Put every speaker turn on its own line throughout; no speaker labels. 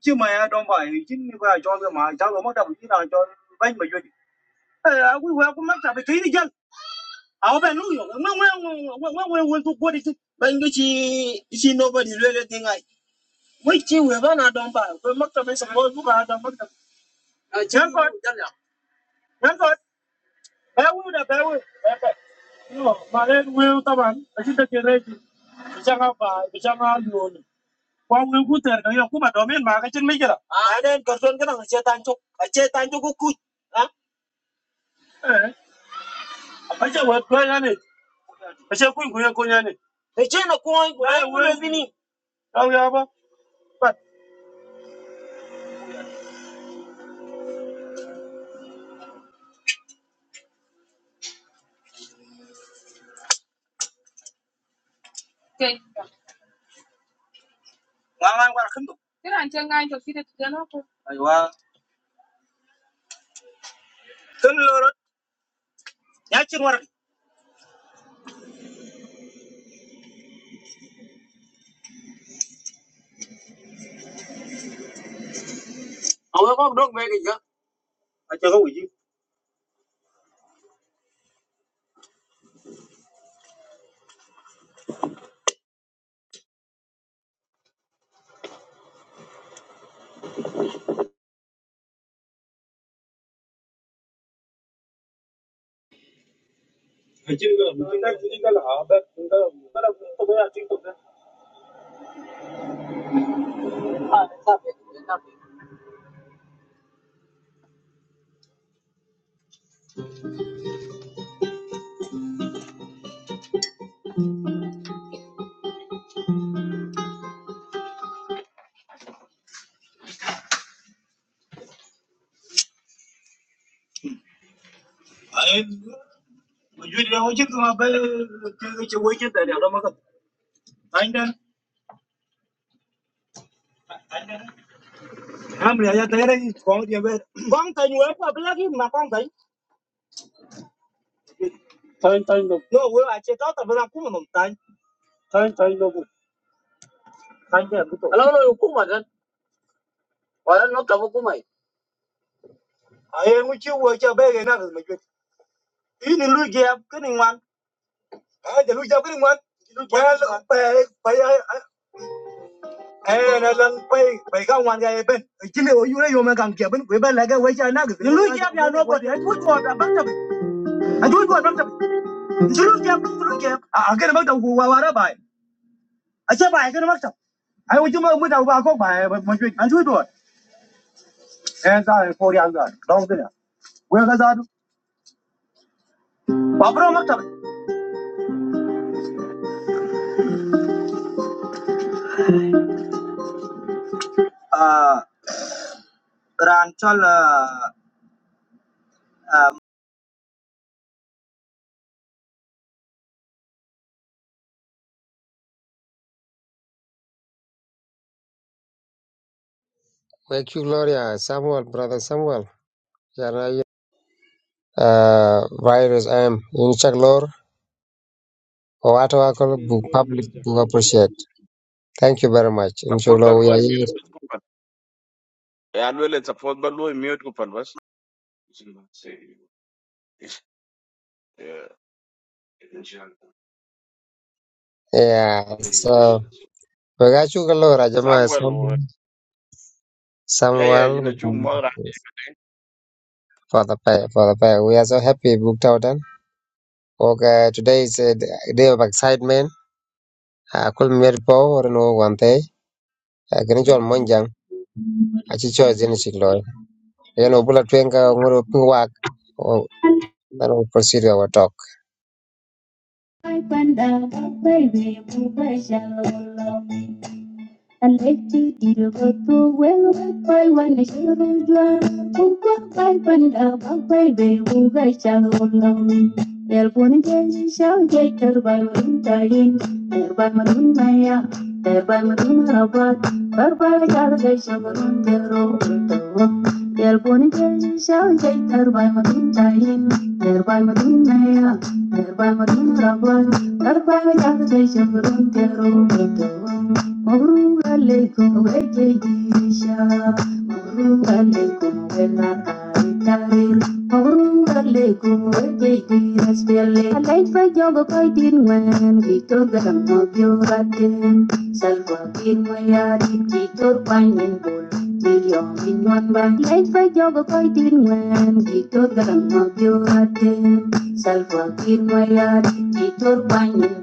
chứ mà đâu phải chứ mà cho cái mà cháu nó mất đồng chí nào cho bánh mà duyên à nên cần xuân cái thằng chơi tan chúc à chơi tan chúc cũng cùi à thì chơi nó coi, ngang ngang qua khấn tục Ai qua ai chơi có quỷ chứ à mà duyên đâu chứ mà bây chơi chơi quỷ chơi tài liệu đâu mà cần anh đen Am lia ya tere ni kong dia be. Kong tai be lagi ma con tai. No vừa a che ta ta vừa làm ku ma tay. Kan ke bu to. Ai ngu chưa vừa chơi be ge na ge me ju. Ini lu ge ab ke ngoan. I just want to be
Thank you, Gloria. Samuel, brother Samuel. Jana uh, virus am in Chaglor or at public
Chinene low music.
book appreciate. Thank you very much. In
Suppose by
we
low
are
mute
here.
kupanda. Yeah, well, it's suppose by low mute kupanda was. Yeah.
Yeah, so we got you, Gloria. Jama,
Samuel was.
Sam-
Yeah, yeah, you
Samuel,
know,
we can-
chung
for the pay, for the pay. We are so happy booked out. And okay, today is a day of excitement. I could meet Paul or no one day. I can enjoy Monjang. I choose in Chaglor. You know, bullet twinga, Then we'll proceed our talk.
with you. And eti diro goto wewe koi wana shiro jwa Ukwa kai panda bakai be uga shalo lami Del puni jeji shao jay terbai marun tayin Terbai marun maya Terbai marun rabat Barbai jala jay shabarun dero ultawa Del puni jeji shao jay terbai marun tayin Terbai marun maya Terbai marun rabat Barbai jala jay shabarun dero ultawa Assalamualaikum warahmatullahi wabarakatuh. Assalamualaikum warahmatullahi wabarakatuh. Assalamualaikum warahmatullahi wabarakatuh. Life is a journey, we are meant to travel. No journey is too long, no journey is too short. Life is a journey, we are meant to travel. No journey is too long, no journey is too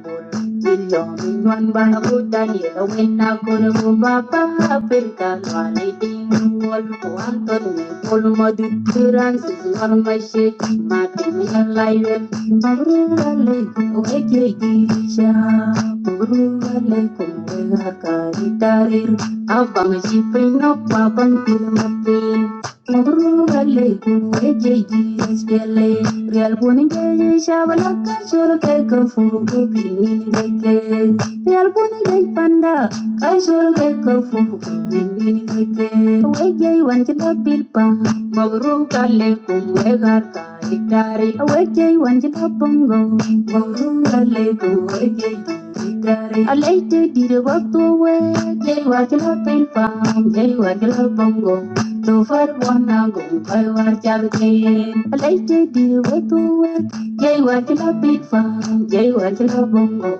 short. Bilomin wan butan yelawin ako na mapapapirkan Walay tingol ko ang tonne Polo maduturan susuan may shiki Matin may alaywen Pagrugalay ko ekye girisya Pagrugalay ko mga karitarir Abang sipin na papantil matin Naturale, eje ji espele, real boni geje shabala kashor ke kafu ke pini deke, real boni gej panda kashor ke kafu ke pini deke, eje wan chila pilpa, mabru kale kum egar ka itari, eje wan chila bongo, mabru kale kum eje alay te dire waktu eje wan chila pilpa, eje wan chila do far wonna go kai war chardeen. I like to do what do we? Jaiwa chala bifam, Jaiwa chala bongo.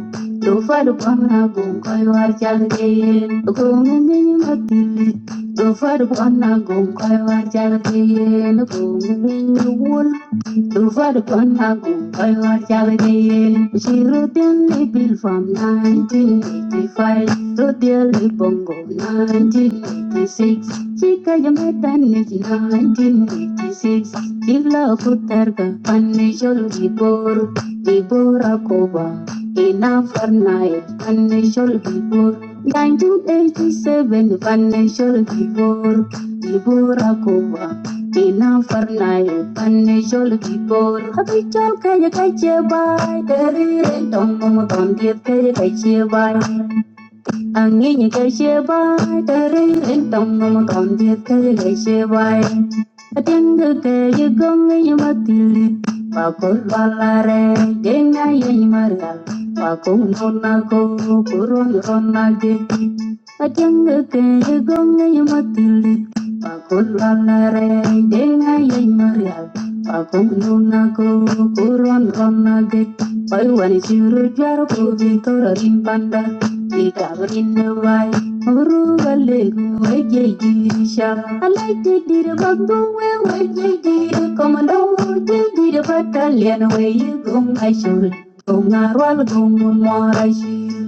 Do far wonna go kai war chardeen. Do kung miny mati. Do far wonna go kai war chardeen. Do kung miny ul. Do far wonna go kai war chardeen. She roo tian ni bifam nine eighty five. Do dia ni bongo nine eighty six. Sikayamaitanes in 1986 Dibla kuterga panishol gibor Gibora kova ina farnae panishol gibor 1987 panishol gibor Gibora kova ina farnae panishol gibor Habichol kaya kaya bay Terire tomo tomo tomo kaya kaya bay angin ke sheba tering entong mama kon dia ke ke sheba ateng de ke ye gong ye matili pakul balare jena ye maral pakul nona ko kurun rona ge ateng de ke ye gong ye matili pakul balare jena ye maral pakul nona ko kurun rona ge pai wani shiru jar ko vitor rimpanda Ye kabrin wai muru galegu wai ye dirisha. Alai de dir bagbo wai wai ye dir komando ye dir battalion wai ye gong aishul. Gong arwal gong morashi.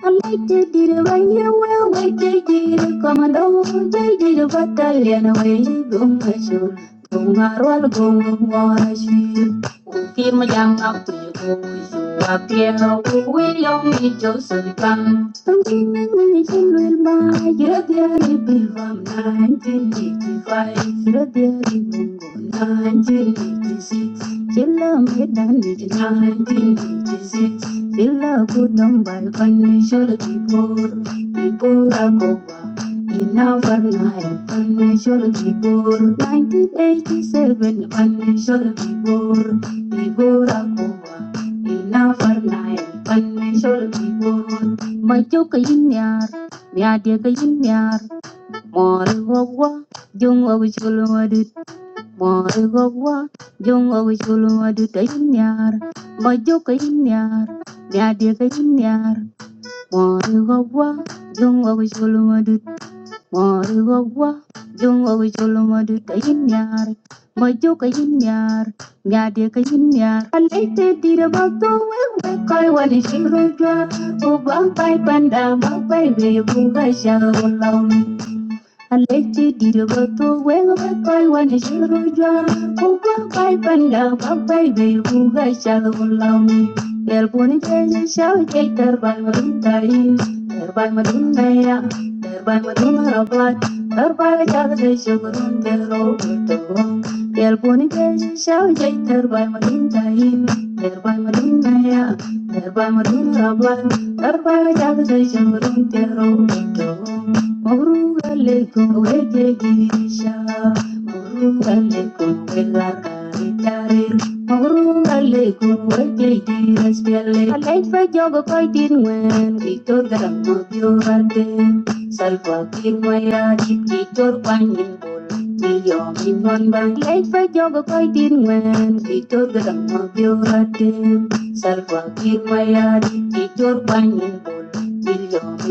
I like to do the right way you will, way on, do the commando, they did I learn, away, gum cashew, gum arwal, gum morashu. Ukim young up to you, you appear, we will only Joseph Bang. Something in the children by your dear baby from 1985, your dear bungo 1986, Chilla made 1986. Sila kutambal pani shola kibor, kibora kowa. Ina varna el pani shola kibor. 1987 pani shola kibor, kibora kowa. Ina varna el pani shola kibor. Macho kayin yar, miade kayin yar. Mori wawa, jung wawa chulwa du Mori gogwa, jungo gishulu maduta inyar, majoka inyar, nyadika inyar. Mori gogwa, jungo gishulu maduta, mori gogwa, jungo gishulu maduta inyar, majoka inyar, nyadika inyar. Alete tira bakto wewe kai wali shirudra, ubang pai panda, bang pai veyu bunga sha laum Aleti diribato wewe kai wani shiruja Kukwa kai panda papai be buga shalu lami Yelpuni teja shau jai terbai marunta in Terbai marunta ya Terbai marunta rabat Terbai jala de shugurun tero buto Yelpuni teja shau jai terbai marunta Terbai marunta Terbai marunta rabat Terbai jala de shugurun tero buto Murugaliko ejegisha, murugaliko elakaritare, murugaliko ejegires piele. Alaifa jogo koitin wen, kitor garamo diorate, salva kirmaya jit kitor panin bol. Murugalekuwejegisha, murugalekuwelakaritaril, murugalekuwejegiraspiale. Alaifajogopaitinwen, kitorgaramudiovarde, salvakinwayadit, kitorkwanyinbul, kiyominwanbal. Alaifajogopaitinwen, kitorgaramudiovarde, salvakinwayadit, bol.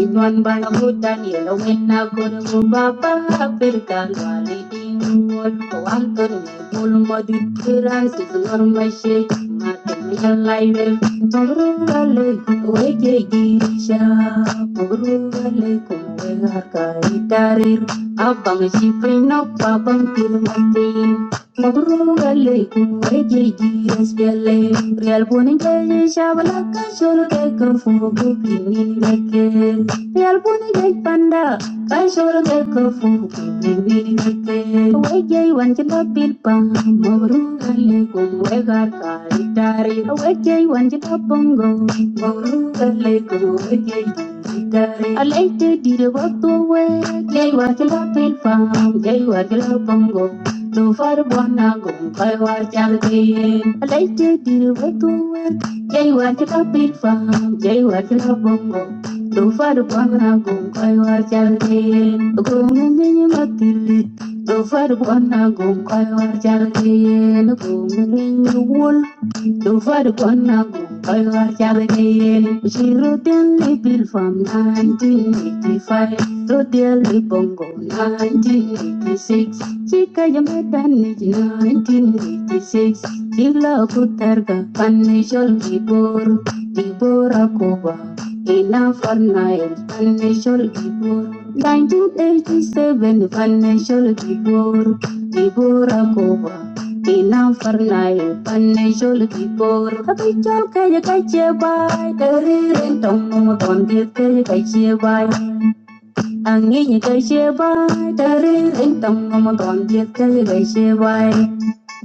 Inwan bangutan ilawin agon mo babaperkan waliting wol kuanton bul modit kiran signor mashe matemyan laiwe purugale wege girisha purugale kumbe harkai tarir abang si pinok babang kirmati Ejiji espele, real boni keje shabala kasholo ke kafu kukini neke. Real boni ke panda, kasholo ke kafu kukini neke. Weje wan chita pilpa, mawrung alekum wegar kaitari. Weje wan chita pongo, mawrung alekum weje kaitari. Alay te dire waktu we, jai wakila pilpa, jai wakila pongo. So far bona go kai war chal kayen alai te dir we tu we jai war chal pil fam jai war chal bongo So far bona go kai war chal kayen go ngene matilit So far bona go kai war chal kayen go ngene wol Tufar Kwanago, Kaiwar Chabakayen, she wrote and label from 1985 to Delhi Bongo 1986. Chika Yameta Nij 1986. Chila Kutarga, Panishol Gibor, Gibora Koba, Ina Farnail, Panishol Gibor. 1987 Financial Gibor, Gibora Koba. Ina farnayo panay jol kipor kapi jol kaya kaya bay Teririn tong mong tondir kaya kaya bay Angi ni kai she bai, tarin in tam ngom kon tiet kai ye kai she bai.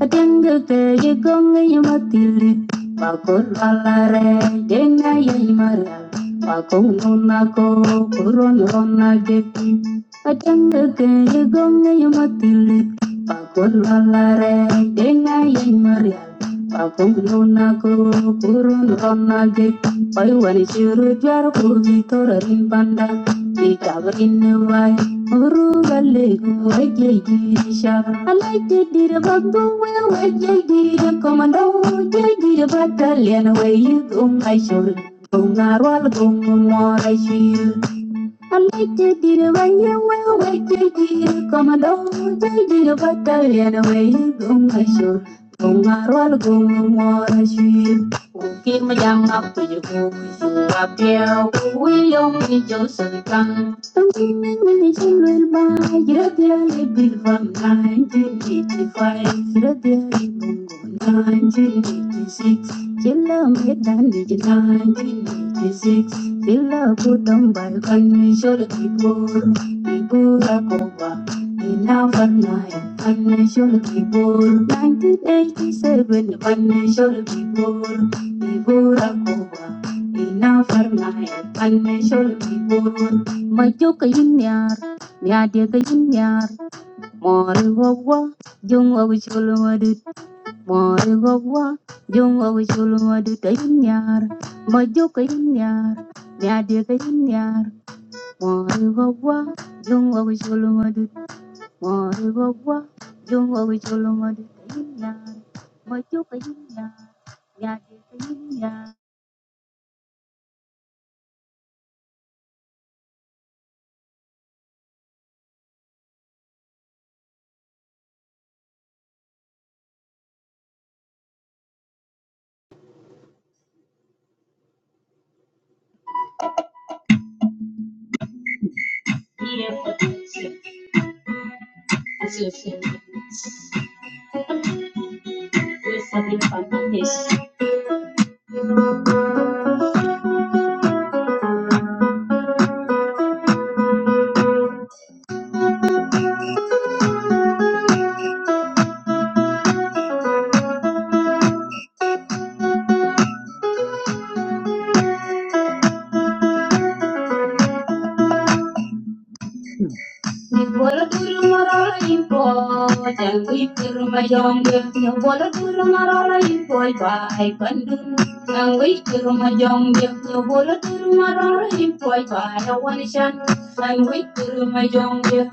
Atiang ge ke ye gong ye ma tili, ba kor ala re, denga ye imara. Ba kong non na ko, kuron ron na ge. Atiang ge ke ye gong ye ma tili, ba kor ala re, denga ye imara. Ba kong non na ko, kuron ron na ge. Pai wani shiru jwar ko vi torarin panda. Ikabakinawai, urugaligu, wajajidisha. Alajadida babu, well, wajajida commando, wajajida battalion, where you go, my shoulder. Gungarwal, gungumore, shield. I'm like to do the way you will, wait to do Come on, don't take the do, they did a battalion away you go my show. Gumarwal gumara shir, uki majang up to you go, you up there, we only just a gun. Something in the children by, you're the bill from 1985, you're the 1986, you love me, 1986. Villa Kutamba, Kanye Shore Kibur, Ibura Koba, Ina Farnaya, Kanye Shore Kibur, 1987, Kanye Shore Kibur, Ibura Koba, Ina Farnaya, Kanye Shore Kibur, Majoka Yinyar, Miadia Yinyar, Mori Wawa, Jungwa Moigogwa, jungo chulwa duta inyar, mojoka inyar, nyadeka inyar, moigogwa, jungo chulwa duta, moigogwa, jungo chulwa duta inyar, mojoka inyar, nyadeka inyar. Here for the sake, as you feel, we for the foundation. I'm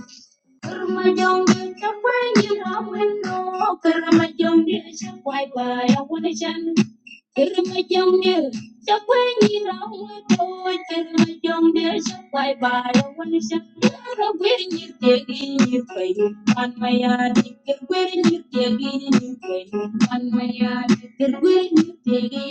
Kurmajong dia capai ni ramen no. Kurmajong dia capai bayar wajan. Kurmajong dia capai ni ramen no. Kurmajong dia capai bayar wajan. Kurmajong ni tiagi ni kayu man maya di kurmajong ni tiagi ni kayu man maya di kurmajong ni tiagi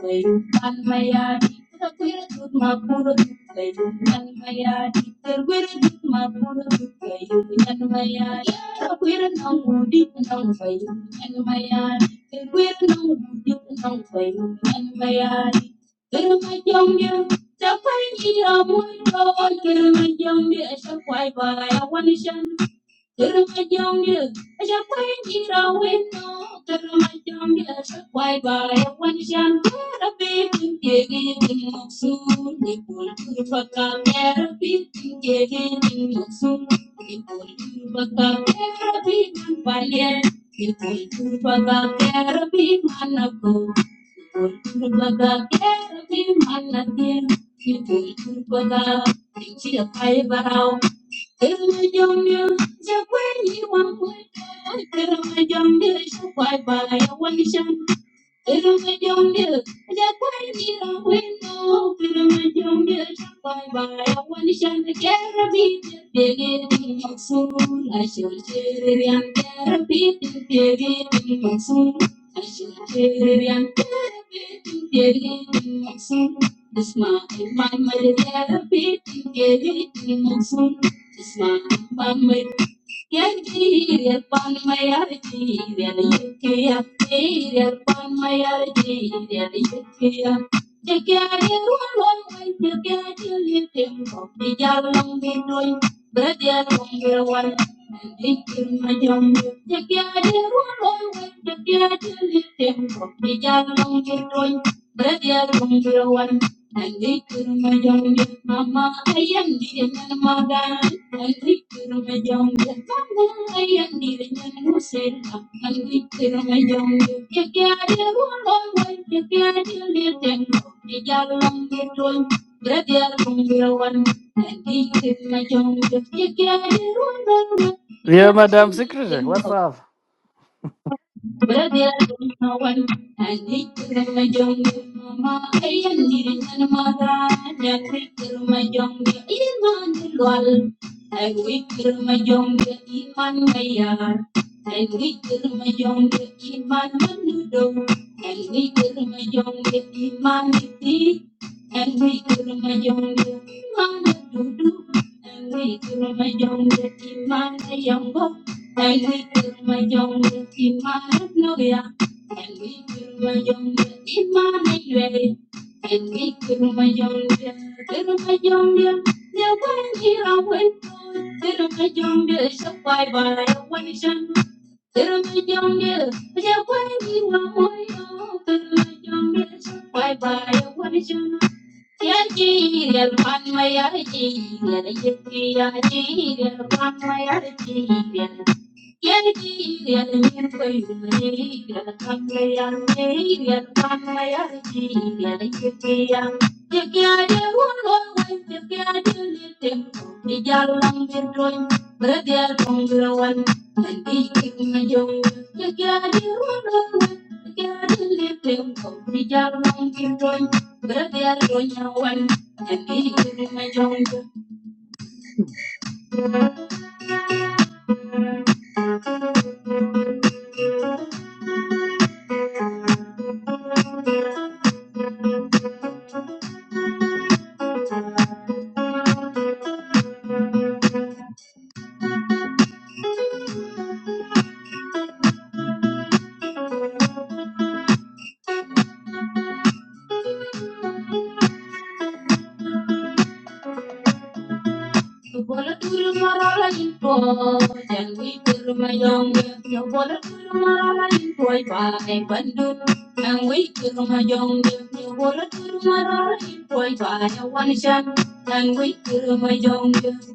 ni Nan maya di terkuat jutma puro jutayu, nan maya di terkuat jutma puro jutayu, nan maya di terkuat nangudi nangsayu, nan maya di terkuat nangudi nangsayu, nan maya di terus majunya cakway ni ramu doi terus majunya esakway baya wani san. Guru Majong Dil, Aja Pain Jira Wino, Guru Majong Dil, Sakwai Moksun, Nikul Kurva Kamera Bikin Jegi Moksun, Nikul Kurva Kamera Bikin Palien, Nikul Kurva Kamera Bikin Manako, Nikul Kurva Kamera Bikin Manakin, Nikul Bye bye. Even when you knew that when you don't win, no, even when you knew bye bye, I want to shine the carabin, beginning of soon. I shall share it and carabin, beginning of soon. I shall share it and carabin, beginning of soon. This my my my therapy, beginning of soon. This my my my Brother, mama Thank you. can't get one, you can't get them. You can't get one, but they are from your one. I think to my young, you can't get one, you
Yeah,
can't
Madam Secretary,
get them.
what's up?
Iman dudu, and it's my jungle. mama. I'm we do my young, the Iman, the young boy. And we build my young in my hallelujah. And we build my young in my way. And we build my young little my young There went here I went Little my young is a bye bye operation. Little my young there went here I went Little my young is a bye bye operation. Yaji, my yaji, yaji, yaji, my yaji, Thank you. Bola turu marala info, jangwi turu mayong, yo bola turu marala info pai pandu, jangwi turu mayong, yo bola turu marala info pai awanishan, jangwi turu mayong, turu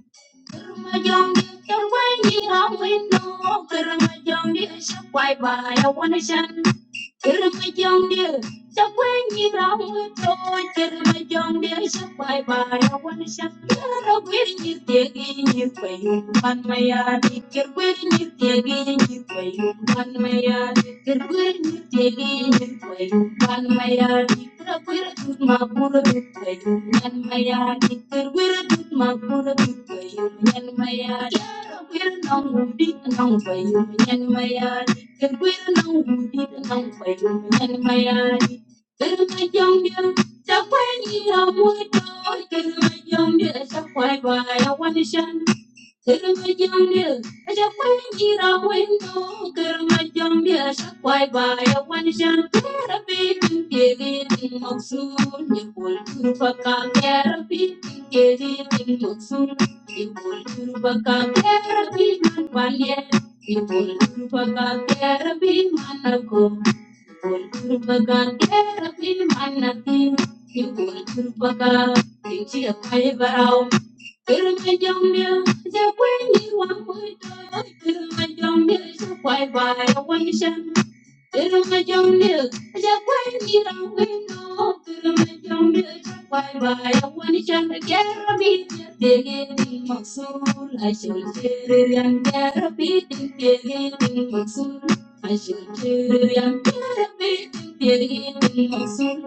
mayong, yo wai ni ram wino, turu mayong di asap pai pai awanishan, Kirmayongdir, Sakwenyi Ramu to Kirmayongdir, Sakbai Bayawan Sakara, where you taking you pay, one may I did where you taking you pay, one may I did where you taking you pay, one may I did where good my poor pay, one may I did where good my poor pay, one may I did where no good no pay, Chakwe ni ramwe to, kizma yong di eshakwe ba ya wanishan Thank you. Kurma jom ne, ja queni wani to. Kurma jom ne, ja vai vai awani chan. Kurma jom ne, ja queni rani no. Kurma jom ne, ja vai vai awani chan. Kharbi tigiri timsul, ashul chiriyam kharbi tigiri timsul, ashul chiriyam kharbi tigiri timsul,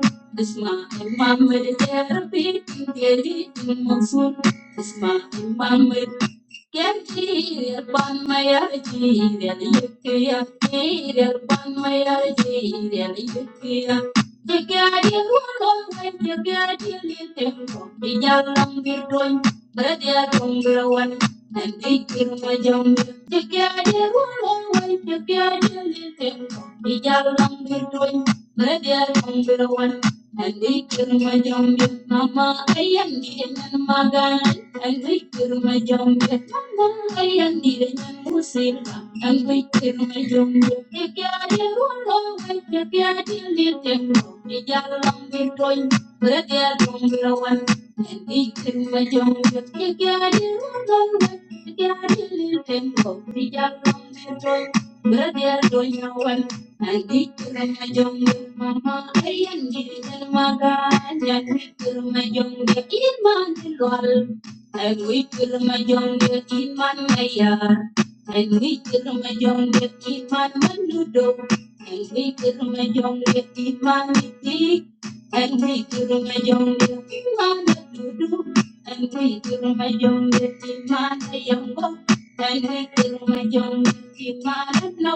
isma mamal kharbi tigiri timsul. Mamma Gerçeğir banmaya ciğer yıkıya Ciğer banmaya ciğer yıkıya Jigari rolon ve jigari litim Bir yalan bir doyum Bada dongra wan Nanti kirma jambi Jigari rolon ve jigari litim Bir yalan bir doyum Bada dongra wan Andi krumajom, bet mama ayandi en magan. Andi krumajom, bet mama ayandi en pusir. Andi krumajom, bet kya dirolo, bet kya dilir tenlo, diyalang dijoi, berdia dong brawan. Andi krumajom, bet kya dirolo, bet kya dilir tenlo, diyalang dijoi, berdia dong brawan. Thank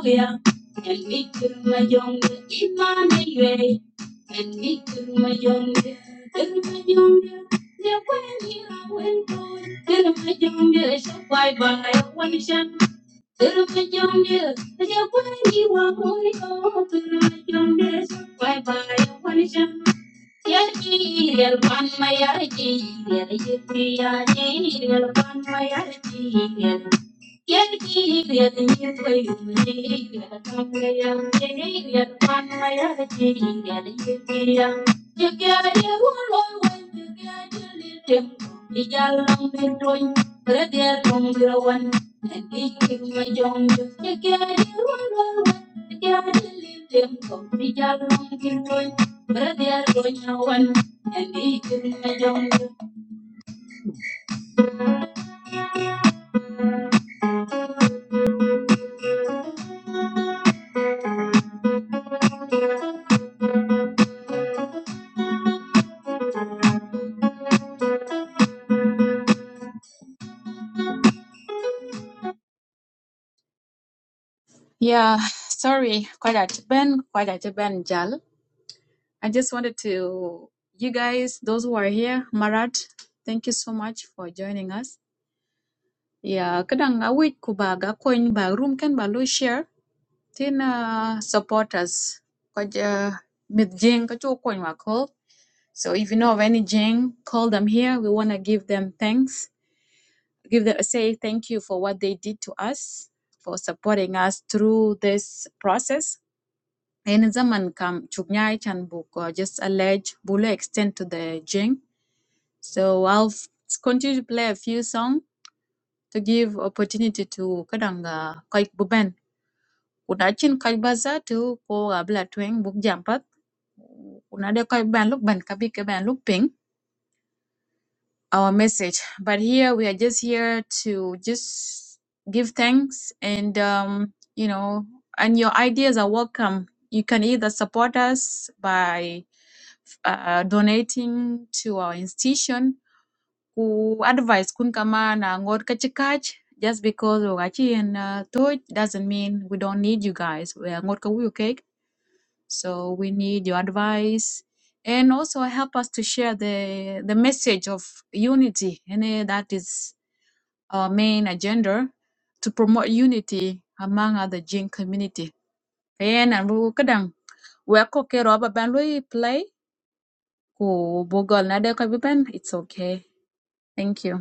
you. And we could my young Emmanuel. And we could my young and my young yeah, when you are when going, and my young is a bye bye, one shot. And my young yeah, when you are going, and my young is a bye bye, one shot. Yajir one my yajir, yajir yajir one my yeah, yeah, yeah, yeah, yeah, yeah, yeah, yeah, sorry, quite a ben, quite a ben, Jal. I just wanted to, you guys, those who are here, Marat, thank you so much for joining us. Yeah, kadang awit ko ba ga coin ba room ken ba lo share tin uh, support us. Kaja mid jing kacho coin wa call. So if you know of any jing, call them here. We wanna give them thanks. Give them say thank you for what they did to us for supporting us through this process in zaman kam chugnai chan book uh, just allege bulu extend to the jing. So I'll f- continue to play a few songs to give opportunity to kadanga koi buben. Kuna chin koi baza tu ko abla tweng book jampat. Kuna de koi ban look ban kabi ke ban look our message. But here we are just here to just give thanks and um, you know, and your ideas are welcome. You can either support us by uh, donating to our institution who advise kun kama na ngot kachikach just because we and uh, doesn't mean we don't need you guys. We are ngot ka wuyo kek. So we need your advice and also help us to share the, the message of unity. And eh, that is our main agenda to promote unity among other Jin community. Ayan, and we kadang we ako kay Rob ban lui play ko bugol na de ko ban. It's okay. Thank you.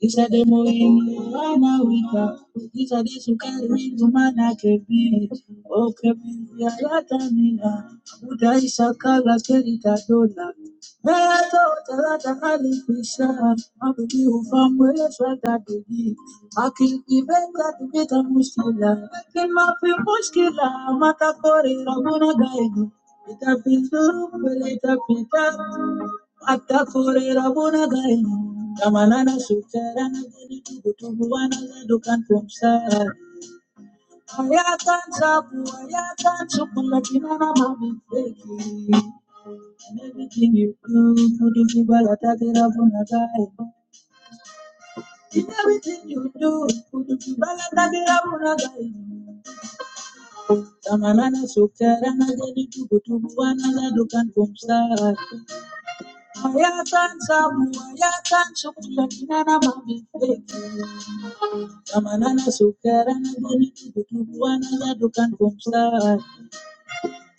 He said, Demo in Mana Wika. He said, This will carry to Mana Kepi. O Kepi, Yatamina. Buddha is a Kala Kerita Dona. Meto Tarata Ali Pisha. Abdi Ufam Weswata Digi. Aki Ibeka Tibeta Muskila. Kima Fi Muskila. Mata Kori Rabuna Gaidu. Pita pinduru peleta pita Tapu wa tupu la kinana miteki. Moya moya, moya na kumba na.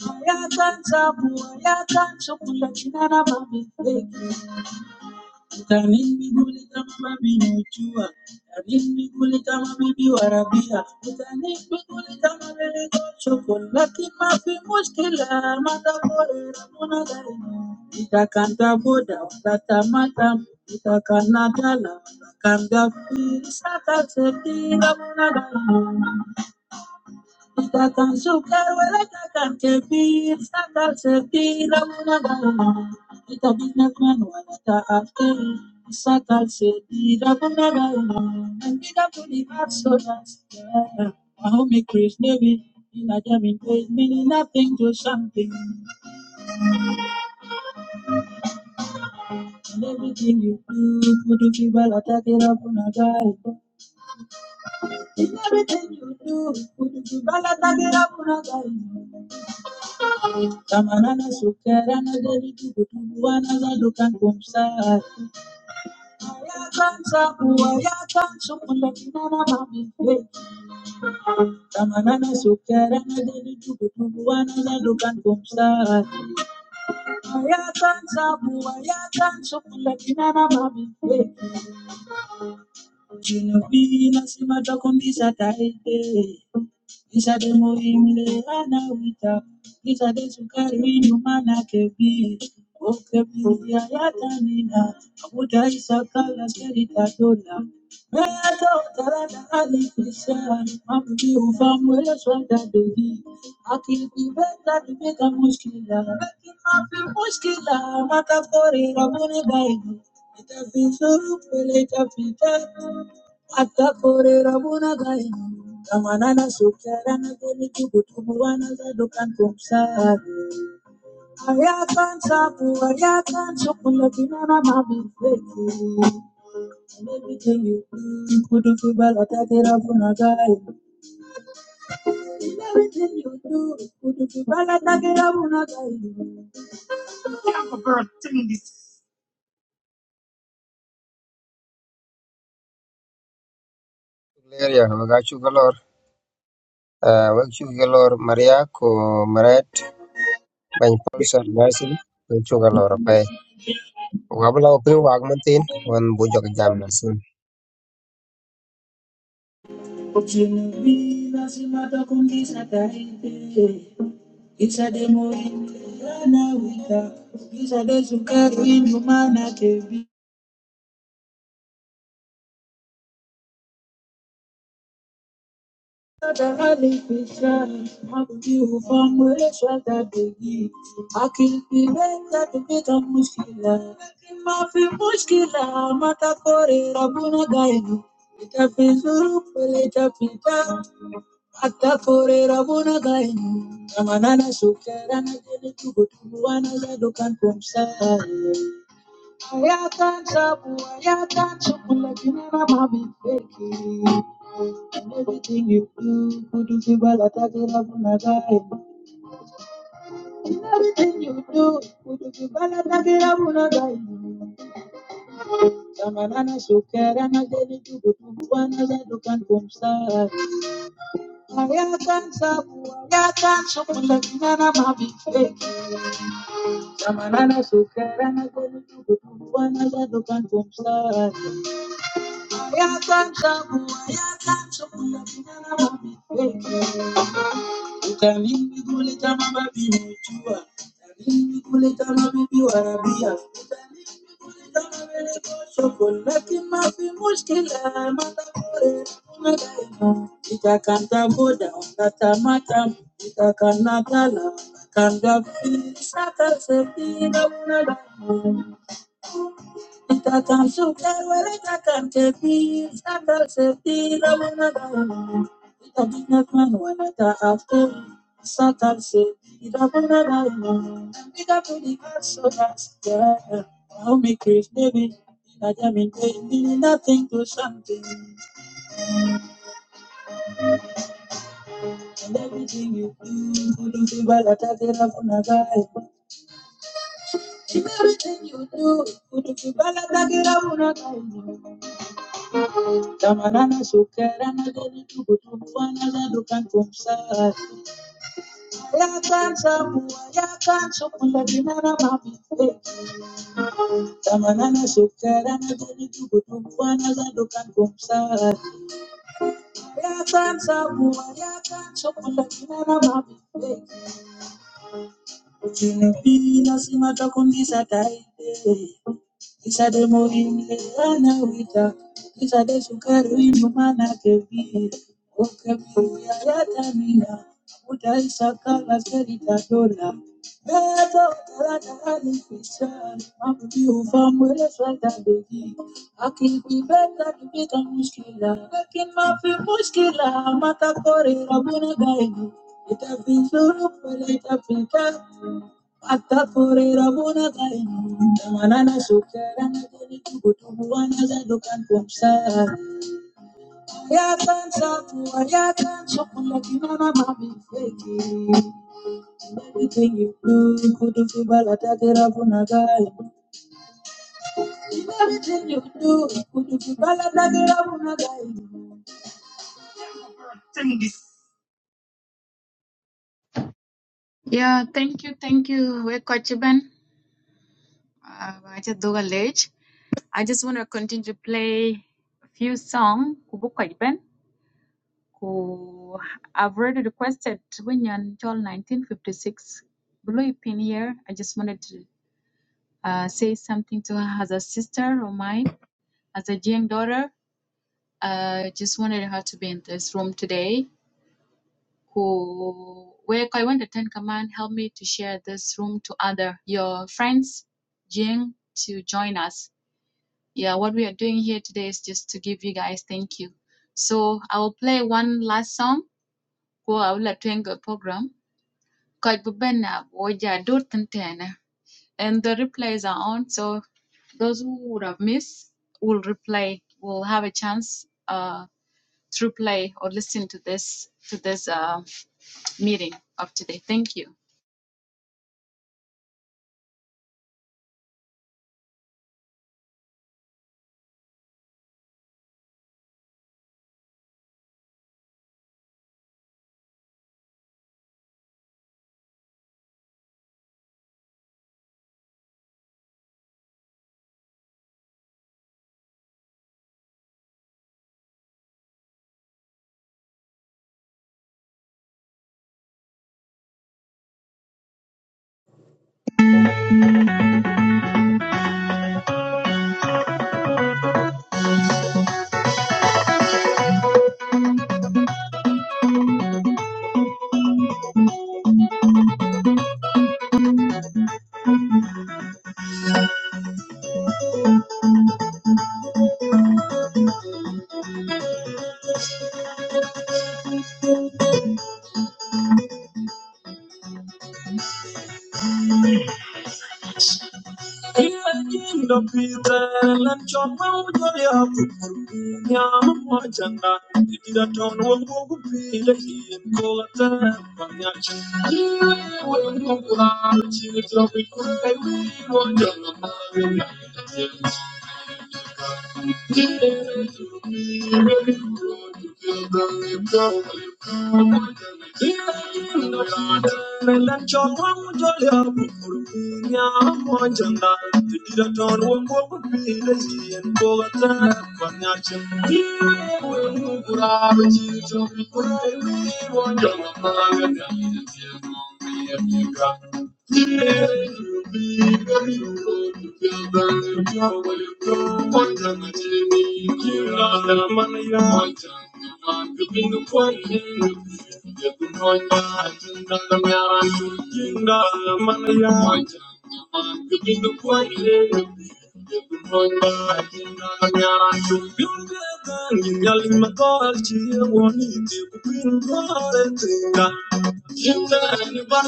Moya taja moya taja, chokola kita na mami. Taja niki kule taja mami njua. Taja niki kule taja mami wara bia. Taja niki kule taja mami kocha chokola kita mami muskilah. Mada kule rambu na daimu. Ita kanda kuda utata matam. Ita kanda laa kanda bii. Ita kanda bii. Stakan sukar wala kakan tebir, stakal sepir, amuna dama. Kita binatman wala taate, stakal sepir, amuna dama. Nandida puni baksonas, Mahome Krishna Devi, in a jamming place, meaning nothing to something. And everything you do, kudu kibala takira punagai. In everything you do, kudu kibala takira punagai. Kamanana sukarana deriki kutubuana zadukan kumsar. Ayakan sabu ayakan sukunda kinana mabife. Kamanana sukarana deriki kutubuana zadukan kumsa. Ayakan sabu ayakan sukunda kinana mabife. Jinubi nasema takumbisa taite Isa de muhimle ana wita Isa de sukari winu mana kebi Okebi ya yata nina Abuja isa kala serita dola. tatola Meyato utarada ali kisha Mabuki ufamu ele swada dogi Akibi beta nimeka muskila Meki mafi muskila Mata kori rabuni gaibu Itapita, pele itapita atakorera bonagaye kamwana nasokyara nagoniki kutumuvana zadokantomsari ayakansapu ayakansokulapinana mabifeki Everything you do, kudu kubala takera bunagaye. In everything you do, kudu kubala takera bunagaye.
Area Wagachu Galor, uh, Wagachu Galor, Maria, Ko Maret, Ben Paulson, Nelson, Wagachu Galor, Pay. Wabla Opri Wagmatin, one Bujok Jamnason.
Uchinumbira simatokungisa taite isa demoinde ana wika isa desukari inumana kebi. Amanana sukara na jele tugo tugo wana zado kan kumsa Yatanta bua, yatanta bua, kinera mabi feki. In everything you do, kudu kibala tagira bunagai. In everything you do, kudu kibala tagira bunagai. Samanana sukera na deni tubu tubu wana zadu kan kumsa. Yatanta bua, yatanta bua, kinera mabi feki. Samanana sukera na deni tubu tubu wana zadu kan kumsa. Iya kan jago, Iya kan sokol na dinana mabikake. Uda ni mbuleka mababi mchuwa, Uda ni mbuleka mababi warabiya, Uda ni mbuleka mababi mocho, Kola kima bimuskilah mada kure mada imo. Iya kan jago, jago macam, Iya kan nakala, kan jago saker sebina mada imo. Tatam sukar wala tatam tepi, sakal sepi ramana ramana. Itabina kan wala taafter, sakal sepi ramana ramana. Ika pudi kasoras ya, how me Chris David. Itajamin baby. Nothing to something, and everything you do, kudu kibala tagira funagai. In everything you do, kudu kibala tagira funagai. Tamarana sokerana deli tukutumfana dadu kantumsar. Ya kansa bua ya kansa bula dinara mabite. Tamarana sokerana deli tukutufana na dadu kantumsar. Ya kansa bua ya kansa bula dinara mabite. Utinopina sima chakundisa taite Isade moringe ana wita Isade sukari wino mana kevi Oke piya yatamina Uta isakala serita dola Manana sukera na jeni tugu tugu wana za dukan kumsa Ya tanta tua, ya tanta tua, que não na mami fake. Everything you do, could you feel bad? I get up on Everything you do, could you feel bad? I get up on a guy. Yeah, thank you, thank you. We're Kochiban. Uh, aja doga lej. I just want to continue to play a few songs. Kubu Kochiban. who I've already requested when you're until 1956 blue pin here. I just wanted to uh, say something to her as a sister of mine, as a young daughter. I uh, just wanted her to be in this room today. Who where I went to Ten Command, help me to share this room to other your friends, Jing, to join us. Yeah, what we are doing here today is just to give you guys thank you. So I will play one last song. Go, I will let you end the program. Coach Bubena Woja Durtentena. And the replays are on, so those who would have missed will replay, will have a chance uh, to replay or listen to this to this uh, meeting of today. Thank you. Thank you. Thank you.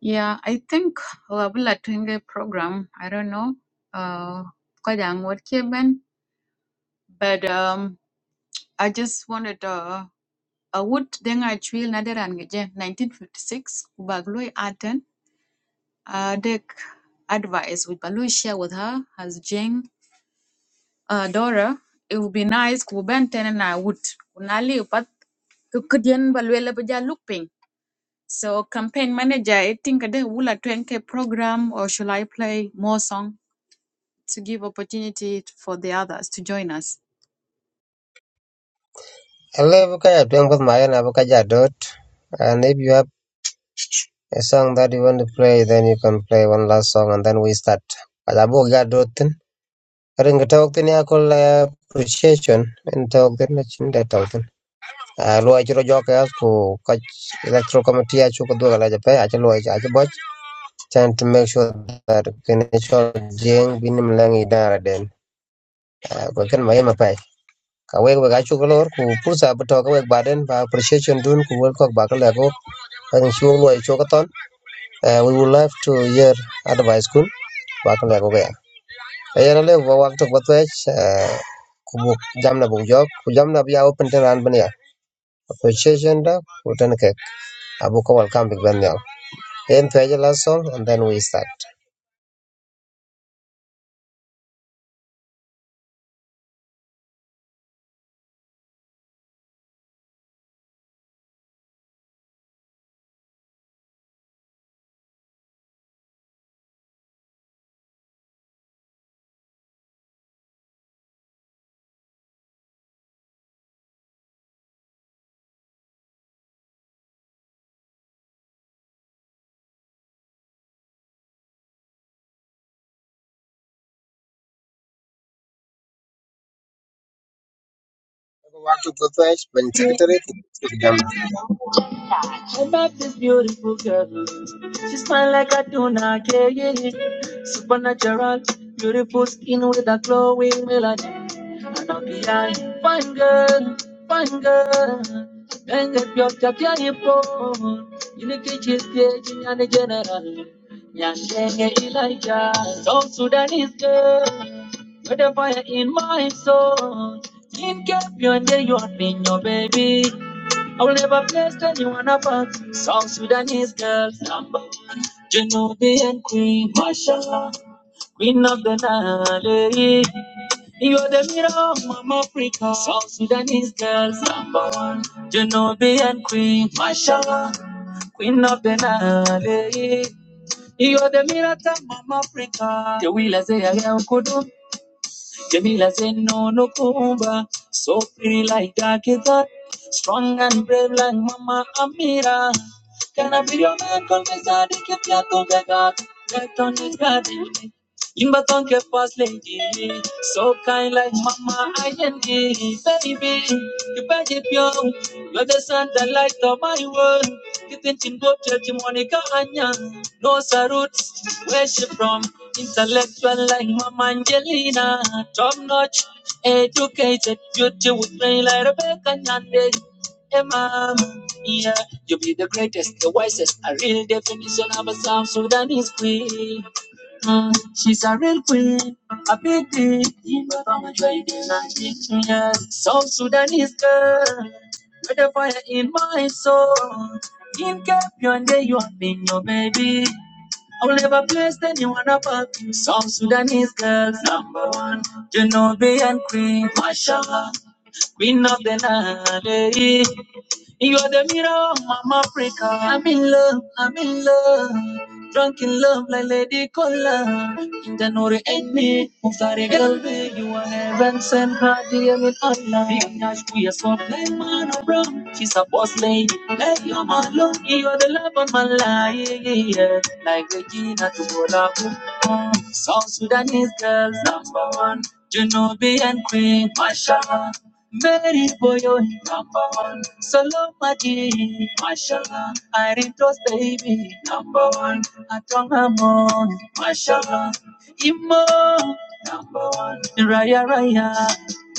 Yeah, I think Wabula Twenge program, I don't know, uh, Kajang what Keben, but um, I just wanted uh, a wood thing I chill Nadaran 1956, Bagloi Aten, uh, Dick advice with Balu share with her as Jing, uh, Dora. It would be nice, Kubenten and I would. Kunali, but Kukudian Baluela Baja looping. So campaign manager, I think the Wula 20 program or should I play more song to give opportunity for the others to join us?
Hello, Bukaya, Twinkle Mayan, Abukaja Dot. And if you have a song that you want to play, then you can play one last song and then we start. Kalabu Gadotin, Ring Talk Tiniakol appreciation and talk the Chin a lo chro jo ka ko ka electro committee a chu ko do la jape a lo a che boch chan to make sure that ken cho jeng binim lang i dara den Ah, ko ken mai ma yema pai ka we ga chu ko lor ku pursa bu ka we ba ba appreciation dun ku wel ko ba ka le ko an chu lo chu ko ton Ah, we would love to hear advice kun ba ka le ko ga ya na le wa wa to ko ku jamna bu jok ku jamna bu ya open ten an ban ya appreciation da ku ten ke abu ko welcome big ben Then page last song and then we start. Watu patwech ben secretary kujamna.
I love this beautiful girl. She smile like I do not care. Supernatural, beautiful skin with a glowing melanin. I know behind fine girl, fine girl. Benge byotya byaipo. Ilikiji stage and the general. Nyashenge Elijah, South Sudanese girl. With the fire in my soul. In Cape, you're you are being your baby. I will never place anyone apart. South Sudanese girls, Genovian queen, Masha, queen of the Nile. You are the mirror of Mama Africa. South Sudanese girls, number one. Genovian queen, Masha, queen of the Nile. You are the mirror of Mama Africa. The wheelers, they are Jamila said, No, no, Kumba. So pretty like Dakita. Strong and brave like Mama Amira. Can I be your man? Confess I did keep your toga. Get on it, God. You but don't get first lady. So kind like mama, I baby. You bet it pure. You're the sun, the light of my world. You think you go church, Monica Anya. Knows her roots, where she from. Intellectual like Mama Angelina. Top notch, educated, beauty with brain like Rebecca Nyande. Hey, mom, yeah, you be the greatest, the wisest, a real definition of a South Sudanese queen. Um, She's a real queen, a beauty from a trading South Sudanese girl, with a fire in my soul. In Cape Town, there you have been your baby. I'll never place anyone above you. South Sudanese girls, number one, Genovian queen, Mashallah. Queen of the night. You're the mirror of my Africa. I'm in love, I'm in love. Drunk in love like Lady Cola. Janore ain't me. Musare galve. You are heaven sent. Radia with Allah. Big Nash, we are so plain man of rum. She's a boss lady. Lady your man love. You're the love of my life. yeah. Like Regina to Bola. South Sudanese girls, number one. Genovian queen, Masha. Very boyo number one. Solo maji, mashallah. I retos baby number one. Atonga mo, mashallah. Imo number one. Raya raya,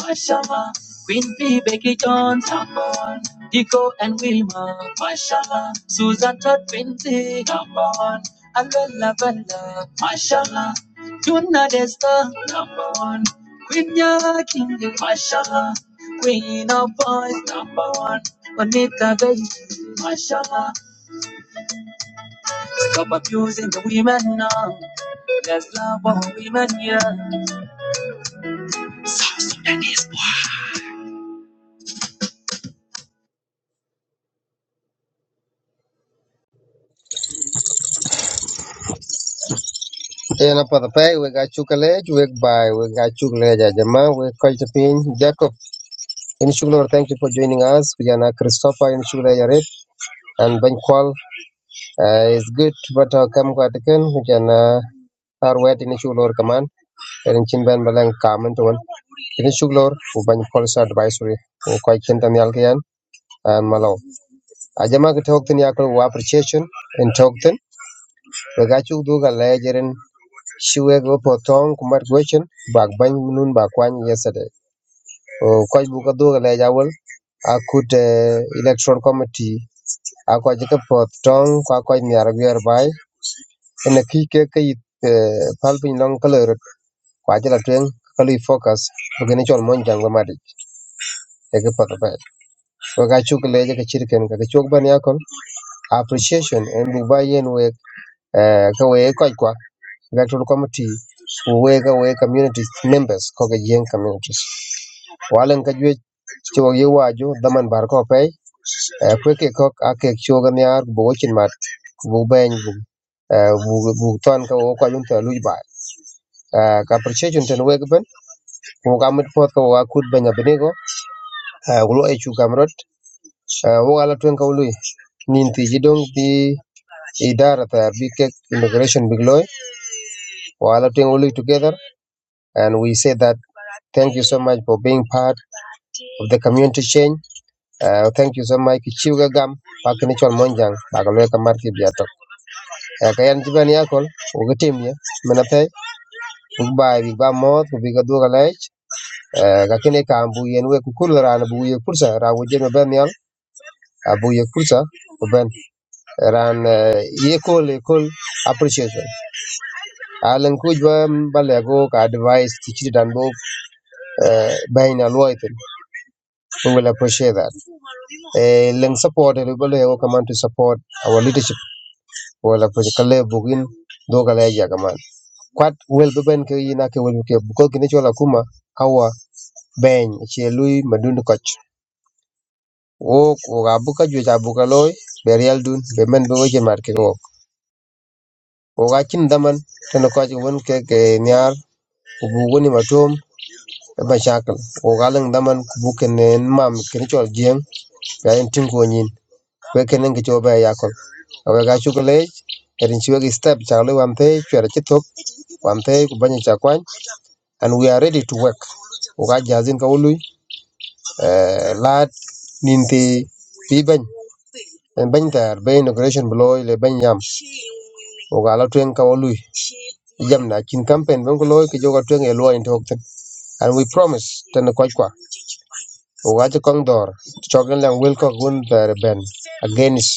mashallah. Queen B, Becky Jones, number one. Dico and Wilma, mashallah. Susan Todd Quincy, number one. Alola Bella, mashallah. Tuna Desta, number one. Queen Yakin, mashallah. Queen of boys, number one. Bonita baby, mashallah. Stop abusing the women now. There's love for women here.
Ena patapay we ga chukalej we bye we ga chukalej ajama we kalchapin Jacob. In Shuglor, thank you for joining us. We are now Christopher in Shuglor Yaret and Ben Kwal. Uh, it's good, but uh, come go again. We are now our wet in Shuglor command. And Chin Ben Balang come and one. In Shuglor, we Ben Kwal's advisory. We quite Chintan Yalkian and Malo. Ajama get talked in Yakul appreciation in talked. Bë acuk dhüga lëëjërën cïwë k'opo potong kumat gwëcön bak bany nun ba kwany yesterday. Köc bü dhüga lëëc awël akute electoral committee a köc kï both töng ka köc myero agwërö ba ënë kï kec ka ï pal pïny nwongo ka loo rot kwa cë l'atwëng ka lu ï focus gïnï cöl mony jangë madï ëk ï pöth öbër. Wëk acuk lëëc k'ëcïdh kënë ka kï cuk ba appreciation ën buk ba yen wek ka wee ëk kwa electoral committee weka we communities members ko ke yen communities walen ka jwe cho ye waju daman bar ko pe kwe ke ko a ke cho ga nyar bo chin mat bu ben bu eh, bu bu ton ka wo ko yun ta lu ba Eh, ka appreciation ten we ben ko ga mit pot ko wa kut ben abne go ulo e chu kamrot wo ala twen ka ulu nin ti jidong ti idara ta bi ke immigration big loy wala twen ulu together and we say that Thank you so much for being part of the community change. Uh, thank you so much Kichiuga Gam Pakni Chol Monjang Bakalweka Marki Biatok. Uh, kayan Jiban Yakol, Ugatim ya, Menate, Ugbai, Bigba Moth, Biga Dugalech, uh, Kakine Kambu Yenwe Kukula Ran Buye Kursa, Rawajem Benial, Abuye Kursa, Ben Ran uh, Yekol Ekol Appreciation. Alan Kujwa Balego ka advice Kichidan Bo uh, Bain Alwaiten. We will appreciate that. eh, leng support eh, ribo leng kaman to support our leadership wala ko kale bugin do kale ya kaman kwat wel be ben ke yina ke wel ke ko kini chola kuma kawa ben che lui madun koch o ko ga bu ka ju ja bu ka loy be real dun be men be wo che mar ke o o ga kin daman tan ko ji won ke ke nyar ku bu woni matom e ba shakal o ga leng daman ku bu ken en mam kini chol jeng ya en tin ko nyin we kenen ki chobe ya kol awe ga chukule erin chiwe ki step cha le wan pe chwere chi tok wan pe ku banye cha kwan and we are ready to work uga jazin ka ului eh, lad ninti pi bany en bany tar be inauguration bloy le bany yam uga la twen ka ului jam na kin campaign ben ko loy ki joga twen e loy into hokten and we promise ten ko kwa uga cha kong dor chogen lang wel ko gun tar ben against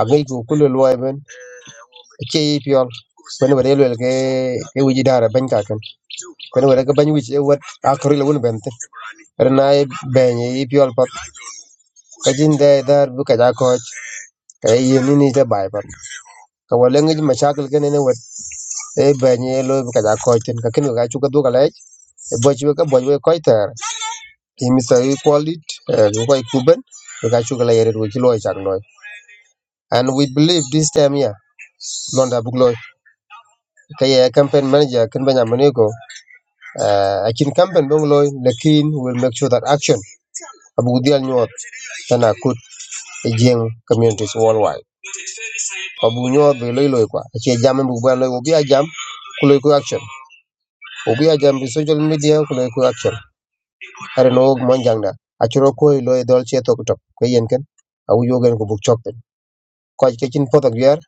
agai ku kulu loy ben ce yi piyol wen wede yelwel ke ke wiji dara ben ka ken wen wede ke ben wiji e wet akori le won benten rena e ben yi piyol pat ka jin dar bu ka ja koch ka yi ni ni te bai pat ka wale ngi ma chakal ken ne wet e ben yi lo bu ka ja koch ten ka ken ka du ka lech e boj we ka boj we ter ki mi sa yi kwalit e ko kuben ka chu ka la yere wi lo chak loy and we believe this time here londa bugloy kaya campaign manager ken benjamin uh, akin campaign dong loy lakin will make sure that action abu dial nyot kana kut e jeng communities worldwide abu nyot be loy loy kwa achi jam bu ba loy obi jam ku loy ku action obi jam bi social media ku loy ku action are no og mon jangda achiro ko loy dol che tok tok ko yen ken abu yogen ko buk chok ko ke chin potok yer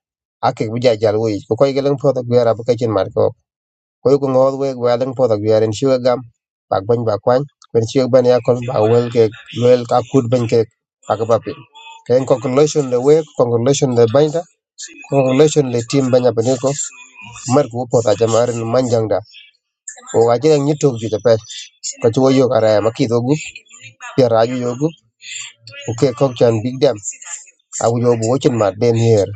akik bu jajal wo ko ko gelen potok yer abu ke chin mar ko koi ku ŋo wek weleng podho gwiarin ciwek gam ba gwony ba kwany kwen ciwek ben yakol ba wel kek luel ka kut ben kek paki ba piny kayen congratulation le wek congratulation le banyda congratulation le team banya peniko mar ku podho ajama arin manjangda o aje yang nyitok ju jape ko chuo yok araya makidho gup pier aju yo gup uke kok chan big dam awu yo bu wochin mat den hier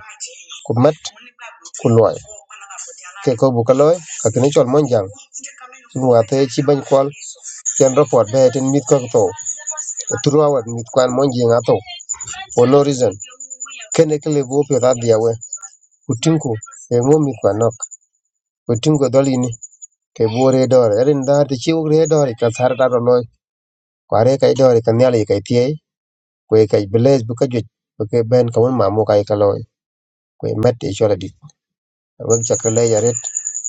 ku mat ku loy ke ko bu ka loy ka kini chol monjang sun wa the chi bany kwal chen report be ten mit ko to throughout mit kwan mon ji nga to for no reason kene kele bo pe da dia we utinku e mo mit kwan nok utinko dolini ke bo re dor erin da te chiu re dor ka sar da lo kware kai dor ka nyali kai tie ko kai beles bu ka ju ke ben ka won ma mo kai ka lo ko met e chola di won chakle ya ret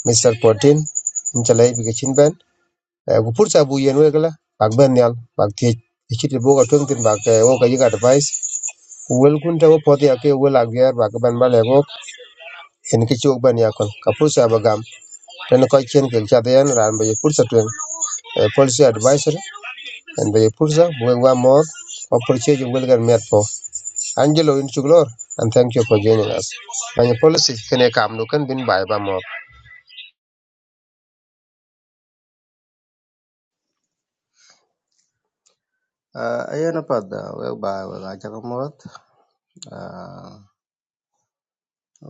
mr potin in chalai bi ke chin ben ku pursa bu yen we gala bak ben nyal bak tie ichit bo ka tung tin bak e wo ka yiga advice wel kun ta wapɔt ya ke wel aguer ba ke ban bale go en ke chok ban yakol ka pursa ba gam ten ko chen ke cha den ran ba pursa twen eh, policy advisor en ba ye pursa bu wa mor o purchase you will met po angelo in chuglor and thank you for joining us banya policy kene kam no kan bin bai ba mor
Uh, ayen apath dha wek ba wek acakamoth uh,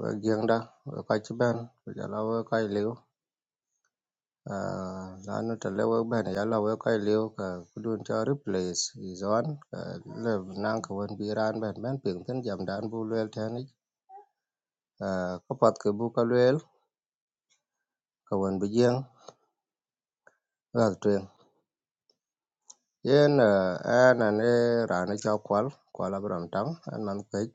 wek jïng da wek ka cïbën kujö la wek ka ïlïu uh, lanu tëlë wek bene ya la wek ka ïlïu ka ku dun cö replace is on uh, lëb nang k'wen bï raan bën bën pïën thïn jam dan bu lwel tënë uh, köpöth kï buka lwel k'wen bï jïng ëka thweng yen uh, ën ënë raan ëcö kwöl kwöl abiröm tam ën man kwëc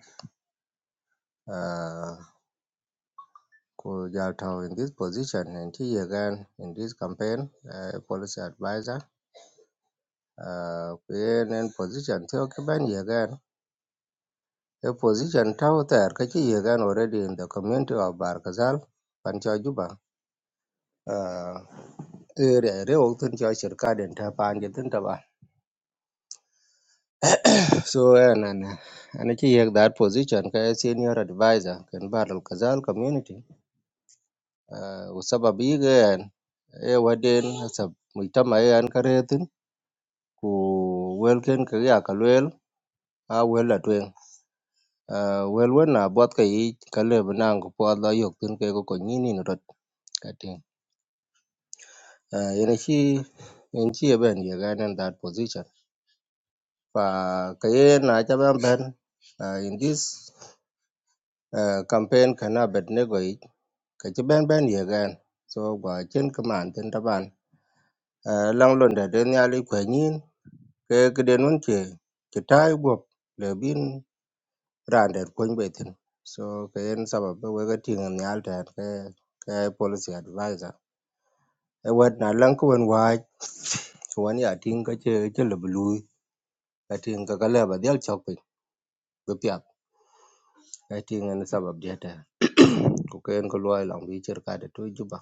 Kujatau in this position and he again in this campaign uh, policy advisor uh, in position to occupy again a position tau there kachi again already in the community of Barkazal Pancha Juba uh, area re oktun cho sirkad en ta panje tin ta so and and and chi yek that position ka senior advisor ken Barkazal Kazal community uh, usabab yigen e waden sab muitama e an karetin ku welken kagá kalwel a wel atwéŋ, aa wel wena bwat kayit kalebəna gopwal a yogtən kegokon ninin rot katiŋ. Ah, Yanchi yanchi aben you guy in that position. Fa kayen acha ben ben ah, in this ah, campaign kana Abednego ich kachi ben ben you guy. So gwa chen kaman tin taban. Ah, Lang londe den yali kwenyin ke kiden tai chitai gop bin Randed kwany by thin. So kayen sabab be wega tingan nyal tan ke ke policy advisor. E wet na lang ko wen waj wan ya ting ka che che le blue ka ting ka kala ba del chok pin be pya. Ka ting an sabab dia ta. Ko kayen ko loy lang bi cher ka de to juba.